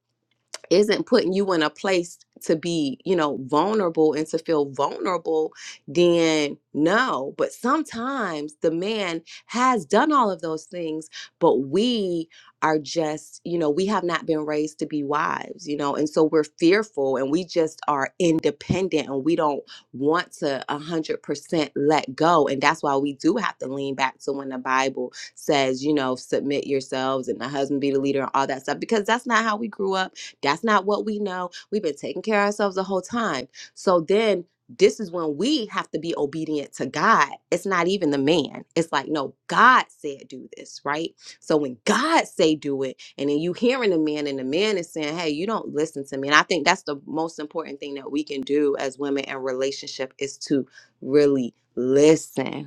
G: isn't putting you in a place to be, you know, vulnerable and to feel vulnerable, then no. But sometimes the man has done all of those things, but we are just, you know, we have not been raised to be wives, you know, and so we're fearful and we just are independent and we don't want to 100% let go. And that's why we do have to lean back to when the Bible says, you know, submit yourselves and the husband be the leader and all that stuff, because that's not how we grew up that's not what we know. We've been taking care of ourselves the whole time. So then this is when we have to be obedient to God. It's not even the man. It's like, no, God said do this, right? So when God say do it, and then you hearing the man, and the man is saying, Hey, you don't listen to me. And I think that's the most important thing that we can do as women in relationship is to really listen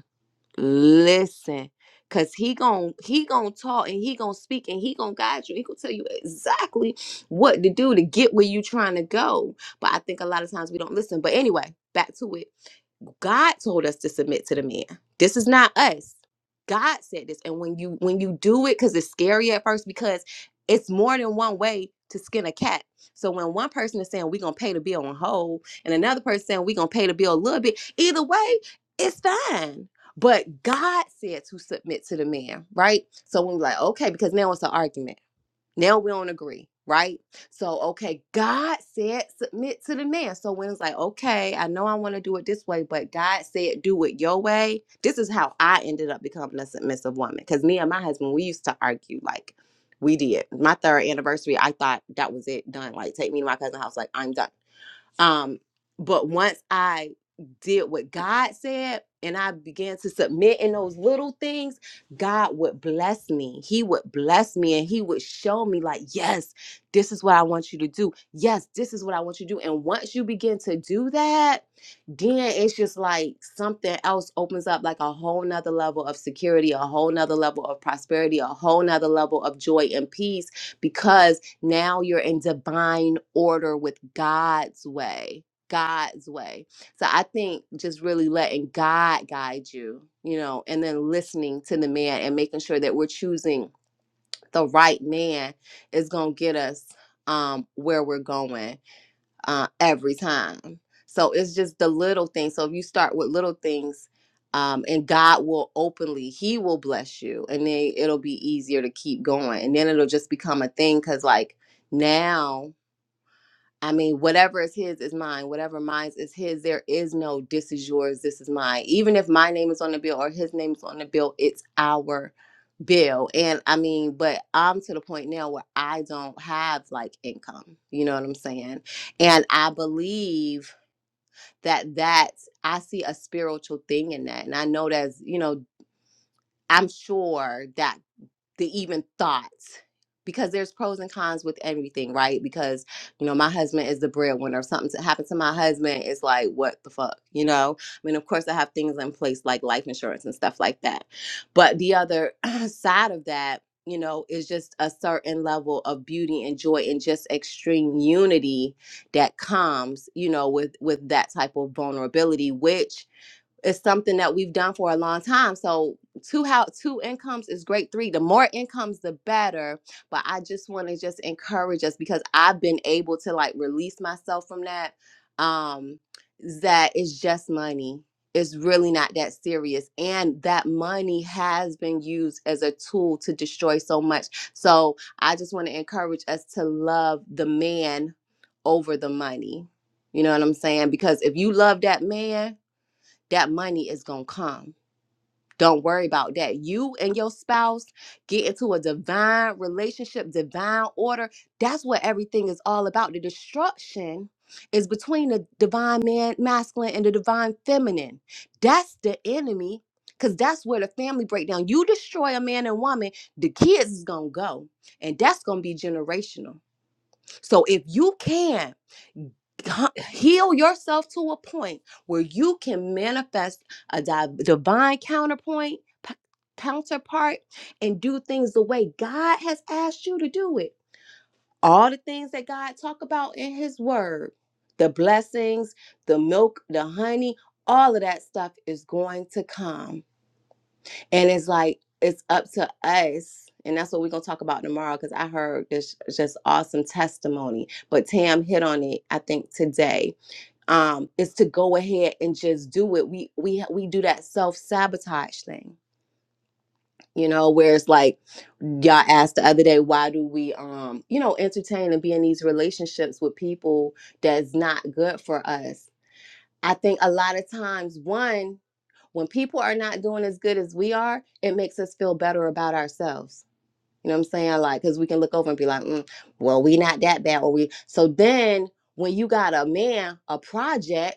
G: listen because he gon' he gon' talk and he gon' speak and he gon' guide you he gonna tell you exactly what to do to get where you trying to go but i think a lot of times we don't listen but anyway back to it God told us to submit to the man. This is not us. God said this. And when you when you do it, because it's scary at first, because it's more than one way to skin a cat. So when one person is saying we're gonna pay the bill on whole, and another person saying we're gonna pay the bill a little bit, either way, it's fine. But God said to submit to the man, right? So when we're like, okay, because now it's an argument now we don't agree, right? So, okay, God said submit to the man. So when it's like, okay, I know I want to do it this way, but God said do it your way. This is how I ended up becoming a submissive woman. Because me and my husband, we used to argue like we did. My third anniversary, I thought that was it, done. Like, take me to my cousin's house, like I'm done. Um, but once I did what God said and I began to submit in those little things, God would bless me. He would bless me and He would show me, like, yes, this is what I want you to do. Yes, this is what I want you to do. And once you begin to do that, then it's just like something else opens up, like a whole nother level of security, a whole nother level of prosperity, a whole nother level of joy and peace because now you're in divine order with God's way. God's way. So I think just really letting God guide you, you know, and then listening to the man and making sure that we're choosing the right man is going to get us um where we're going uh, every time. So it's just the little things. So if you start with little things, um, and God will openly, He will bless you, and then it'll be easier to keep going, and then it'll just become a thing. Cause like now, I mean, whatever is His is mine. Whatever mine is His. There is no this is yours, this is mine. Even if my name is on the bill or His name is on the bill, it's our bill and i mean but i'm to the point now where i don't have like income you know what i'm saying and i believe that that i see a spiritual thing in that and i know that's you know i'm sure that the even thoughts because there's pros and cons with everything, right? Because you know, my husband is the breadwinner. If something to happen to my husband, it's like, what the fuck, you know? I mean, of course, I have things in place like life insurance and stuff like that. But the other side of that, you know, is just a certain level of beauty and joy and just extreme unity that comes, you know, with with that type of vulnerability, which it's something that we've done for a long time. So two how two incomes is great. Three, the more incomes, the better. But I just want to just encourage us because I've been able to like release myself from that. Um, that it's just money. It's really not that serious. And that money has been used as a tool to destroy so much. So I just want to encourage us to love the man over the money. You know what I'm saying? Because if you love that man, that money is going to come. Don't worry about that. You and your spouse get into a divine relationship, divine order. That's what everything is all about. The destruction is between the divine man, masculine, and the divine feminine. That's the enemy because that's where the family breakdown. You destroy a man and woman, the kids is going to go. And that's going to be generational. So if you can hu- heal yourself to a point where you can manifest a di- divine counterpoint p- counterpart and do things the way God has asked you to do it. All the things that God talk about in his word, the blessings, the milk, the honey, all of that stuff is going to come and it's like, it's up to us. And that's what we're going to talk about tomorrow because I heard this just awesome testimony. But Tam hit on it, I think, today. Um, is to go ahead and just do it. We we we do that self-sabotage thing, you know, where it's like y'all asked the other day, why do we um, you know, entertain and be in these relationships with people that's not good for us? I think a lot of times, one, when people are not doing as good as we are, it makes us feel better about ourselves. You know what I'm saying? Like, because we can look over and be like, mm, well, we not that bad. Or we, so then when you got a man, a project,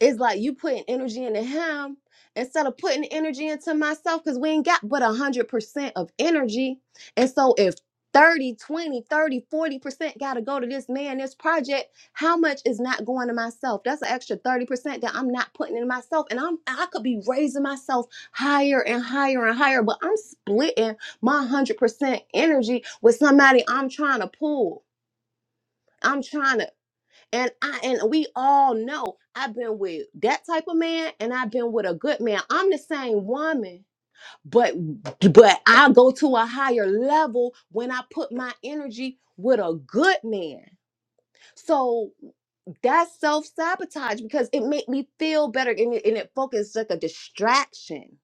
G: it's like you putting energy into him instead of putting energy into myself because we ain't got but 100% of energy. And so if thirty, twenty, thirty, forty percent got to go to this man, this project, how much is not going to myself? That's an extra 30% that I'm not putting in myself. And I'm I could be raising myself higher and higher and higher, but I'm splitting my 100% energy with somebody I'm trying to pull. I'm trying to and I and we all know I've been with that type of man and I've been with a good man. I'm the same woman, but but I go to a higher level when I put my energy with a good man. So that's self-sabotage because it make me feel better and it, and it focuses like a distraction.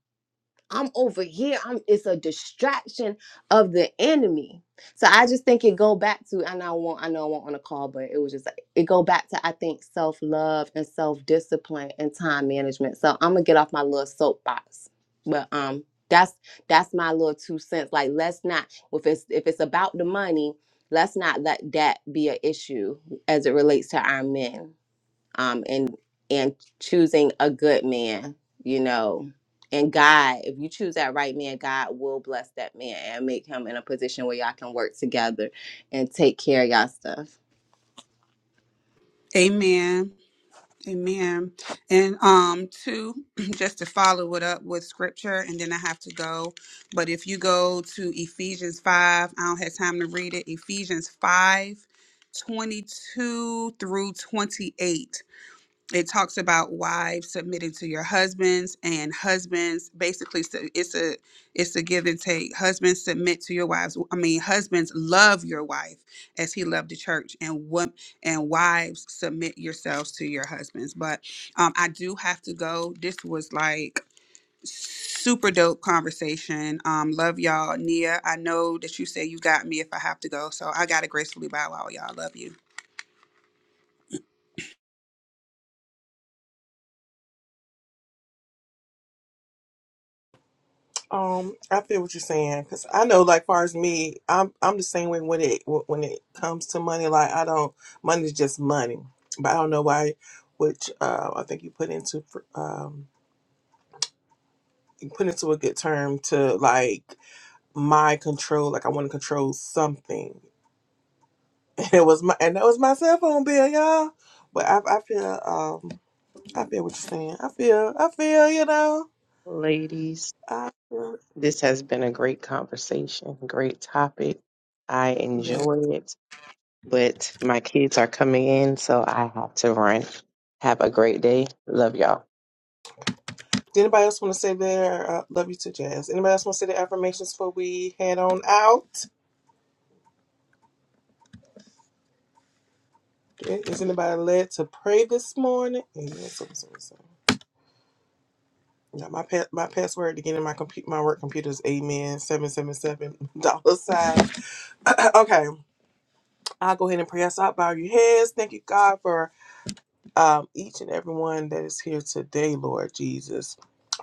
G: I'm over here. I'm it's a distraction of the enemy. So I just think it go back to and I won't. I know I won't on a call, but it was just like- it go back to I think self love and self discipline and time management. So I'm gonna get off my little soapbox, but um that's that's my little two cents. Like let's not if it's if it's about the money, let's not let that be an issue as it relates to our men um, and and choosing a good man, you know. And God, if you choose that right man, God will bless that man and make him in a position where y'all can work together and take care of y'all stuff.
B: Amen. Amen. And um two, just to follow it up with scripture and then I have to go. But if you go to Ephesians 5, I don't have time to read it. Ephesians 5, 22 through 28. it talks about wives submitting to your husbands and husbands basically so it's a it's a give and take husbands submit to your wives i mean husbands love your wife as he loved the church and what and wives submit yourselves to your husbands but um i do have to go this was like super dope conversation um love y'all nia i know that you say you got me if i have to go so i gotta gracefully bow out y'all love you
A: Um, I feel what you're saying because I know, like, far as me, I'm I'm the same way when it when it comes to money. Like, I don't money's just money, but I don't know why. Which uh, I think you put into fr- um you put into a good term to like my control. Like, I want to control something, and it was my and that was my cell phone bill, y'all. But I I feel um I feel what you're saying. I feel I feel you know
C: ladies.
A: I feel,
C: This has been a great conversation, great topic. I
A: yeah.
C: enjoy it, but my kids are coming in, so I have to run. Have a great day. Love y'all.
A: Did anybody else want to say their uh, love you to Jazz? Anybody else want to say their affirmations before we head on out? Okay. Is anybody led to pray this morning? Amen. So, so, so. Yeah, my pa- my password to get in my compu- my work computer is amen seven seven seven dollar sign. okay, I'll go ahead and pray us out. Bow your heads. Thank you, God, for um, each and everyone that is here today, Lord Jesus.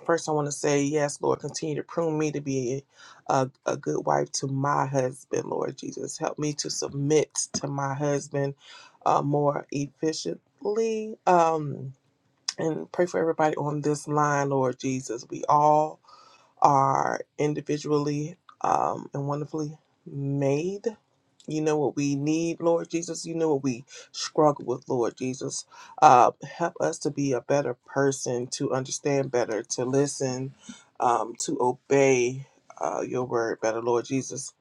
A: First, I want to say, yes, Lord, continue to prune me to be a, a good wife to my husband, Lord Jesus. Help me to submit to my husband uh, more efficiently. Um, and pray for everybody on this line, Lord Jesus. We all are individually um, and wonderfully made. You know what we need, Lord Jesus. You know what we struggle with, Lord Jesus. Uh, help us to be a better person, to understand better, to listen, um, to obey uh, your word better, Lord Jesus.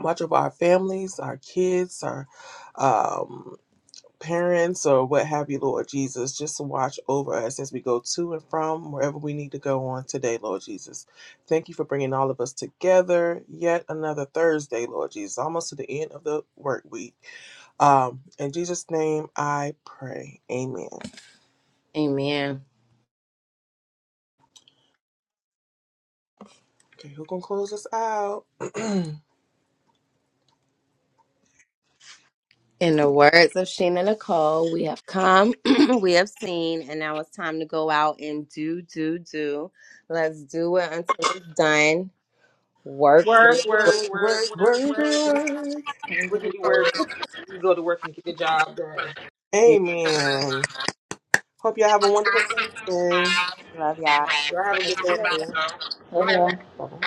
A: Watch over our families, our kids, our um, parents or what have you, Lord Jesus, just to watch over us as we go to and from wherever we need to go on today, Lord Jesus. Thank you for bringing all of us together yet another Thursday, Lord Jesus, almost to the end of the work week. Um, in Jesus' name, I pray. Amen.
G: Amen.
A: Okay, who to close us out?
G: In the words of Sheena Nicole, we have come, we have seen, and now it's time to go out and do, do, do. Let's do it until it's done. Work, work,
E: Work,
A: Work,
G: work.
E: work, work,
A: work,
E: work,
A: work,
E: work.
A: work.
H: Oh. give
E: We'll get you work. You go to work and get the job done.
A: Amen. Hope y'all have a wonderful Thursday.
G: Love y'all.
E: Y'all have a good day.
D: too.
A: bye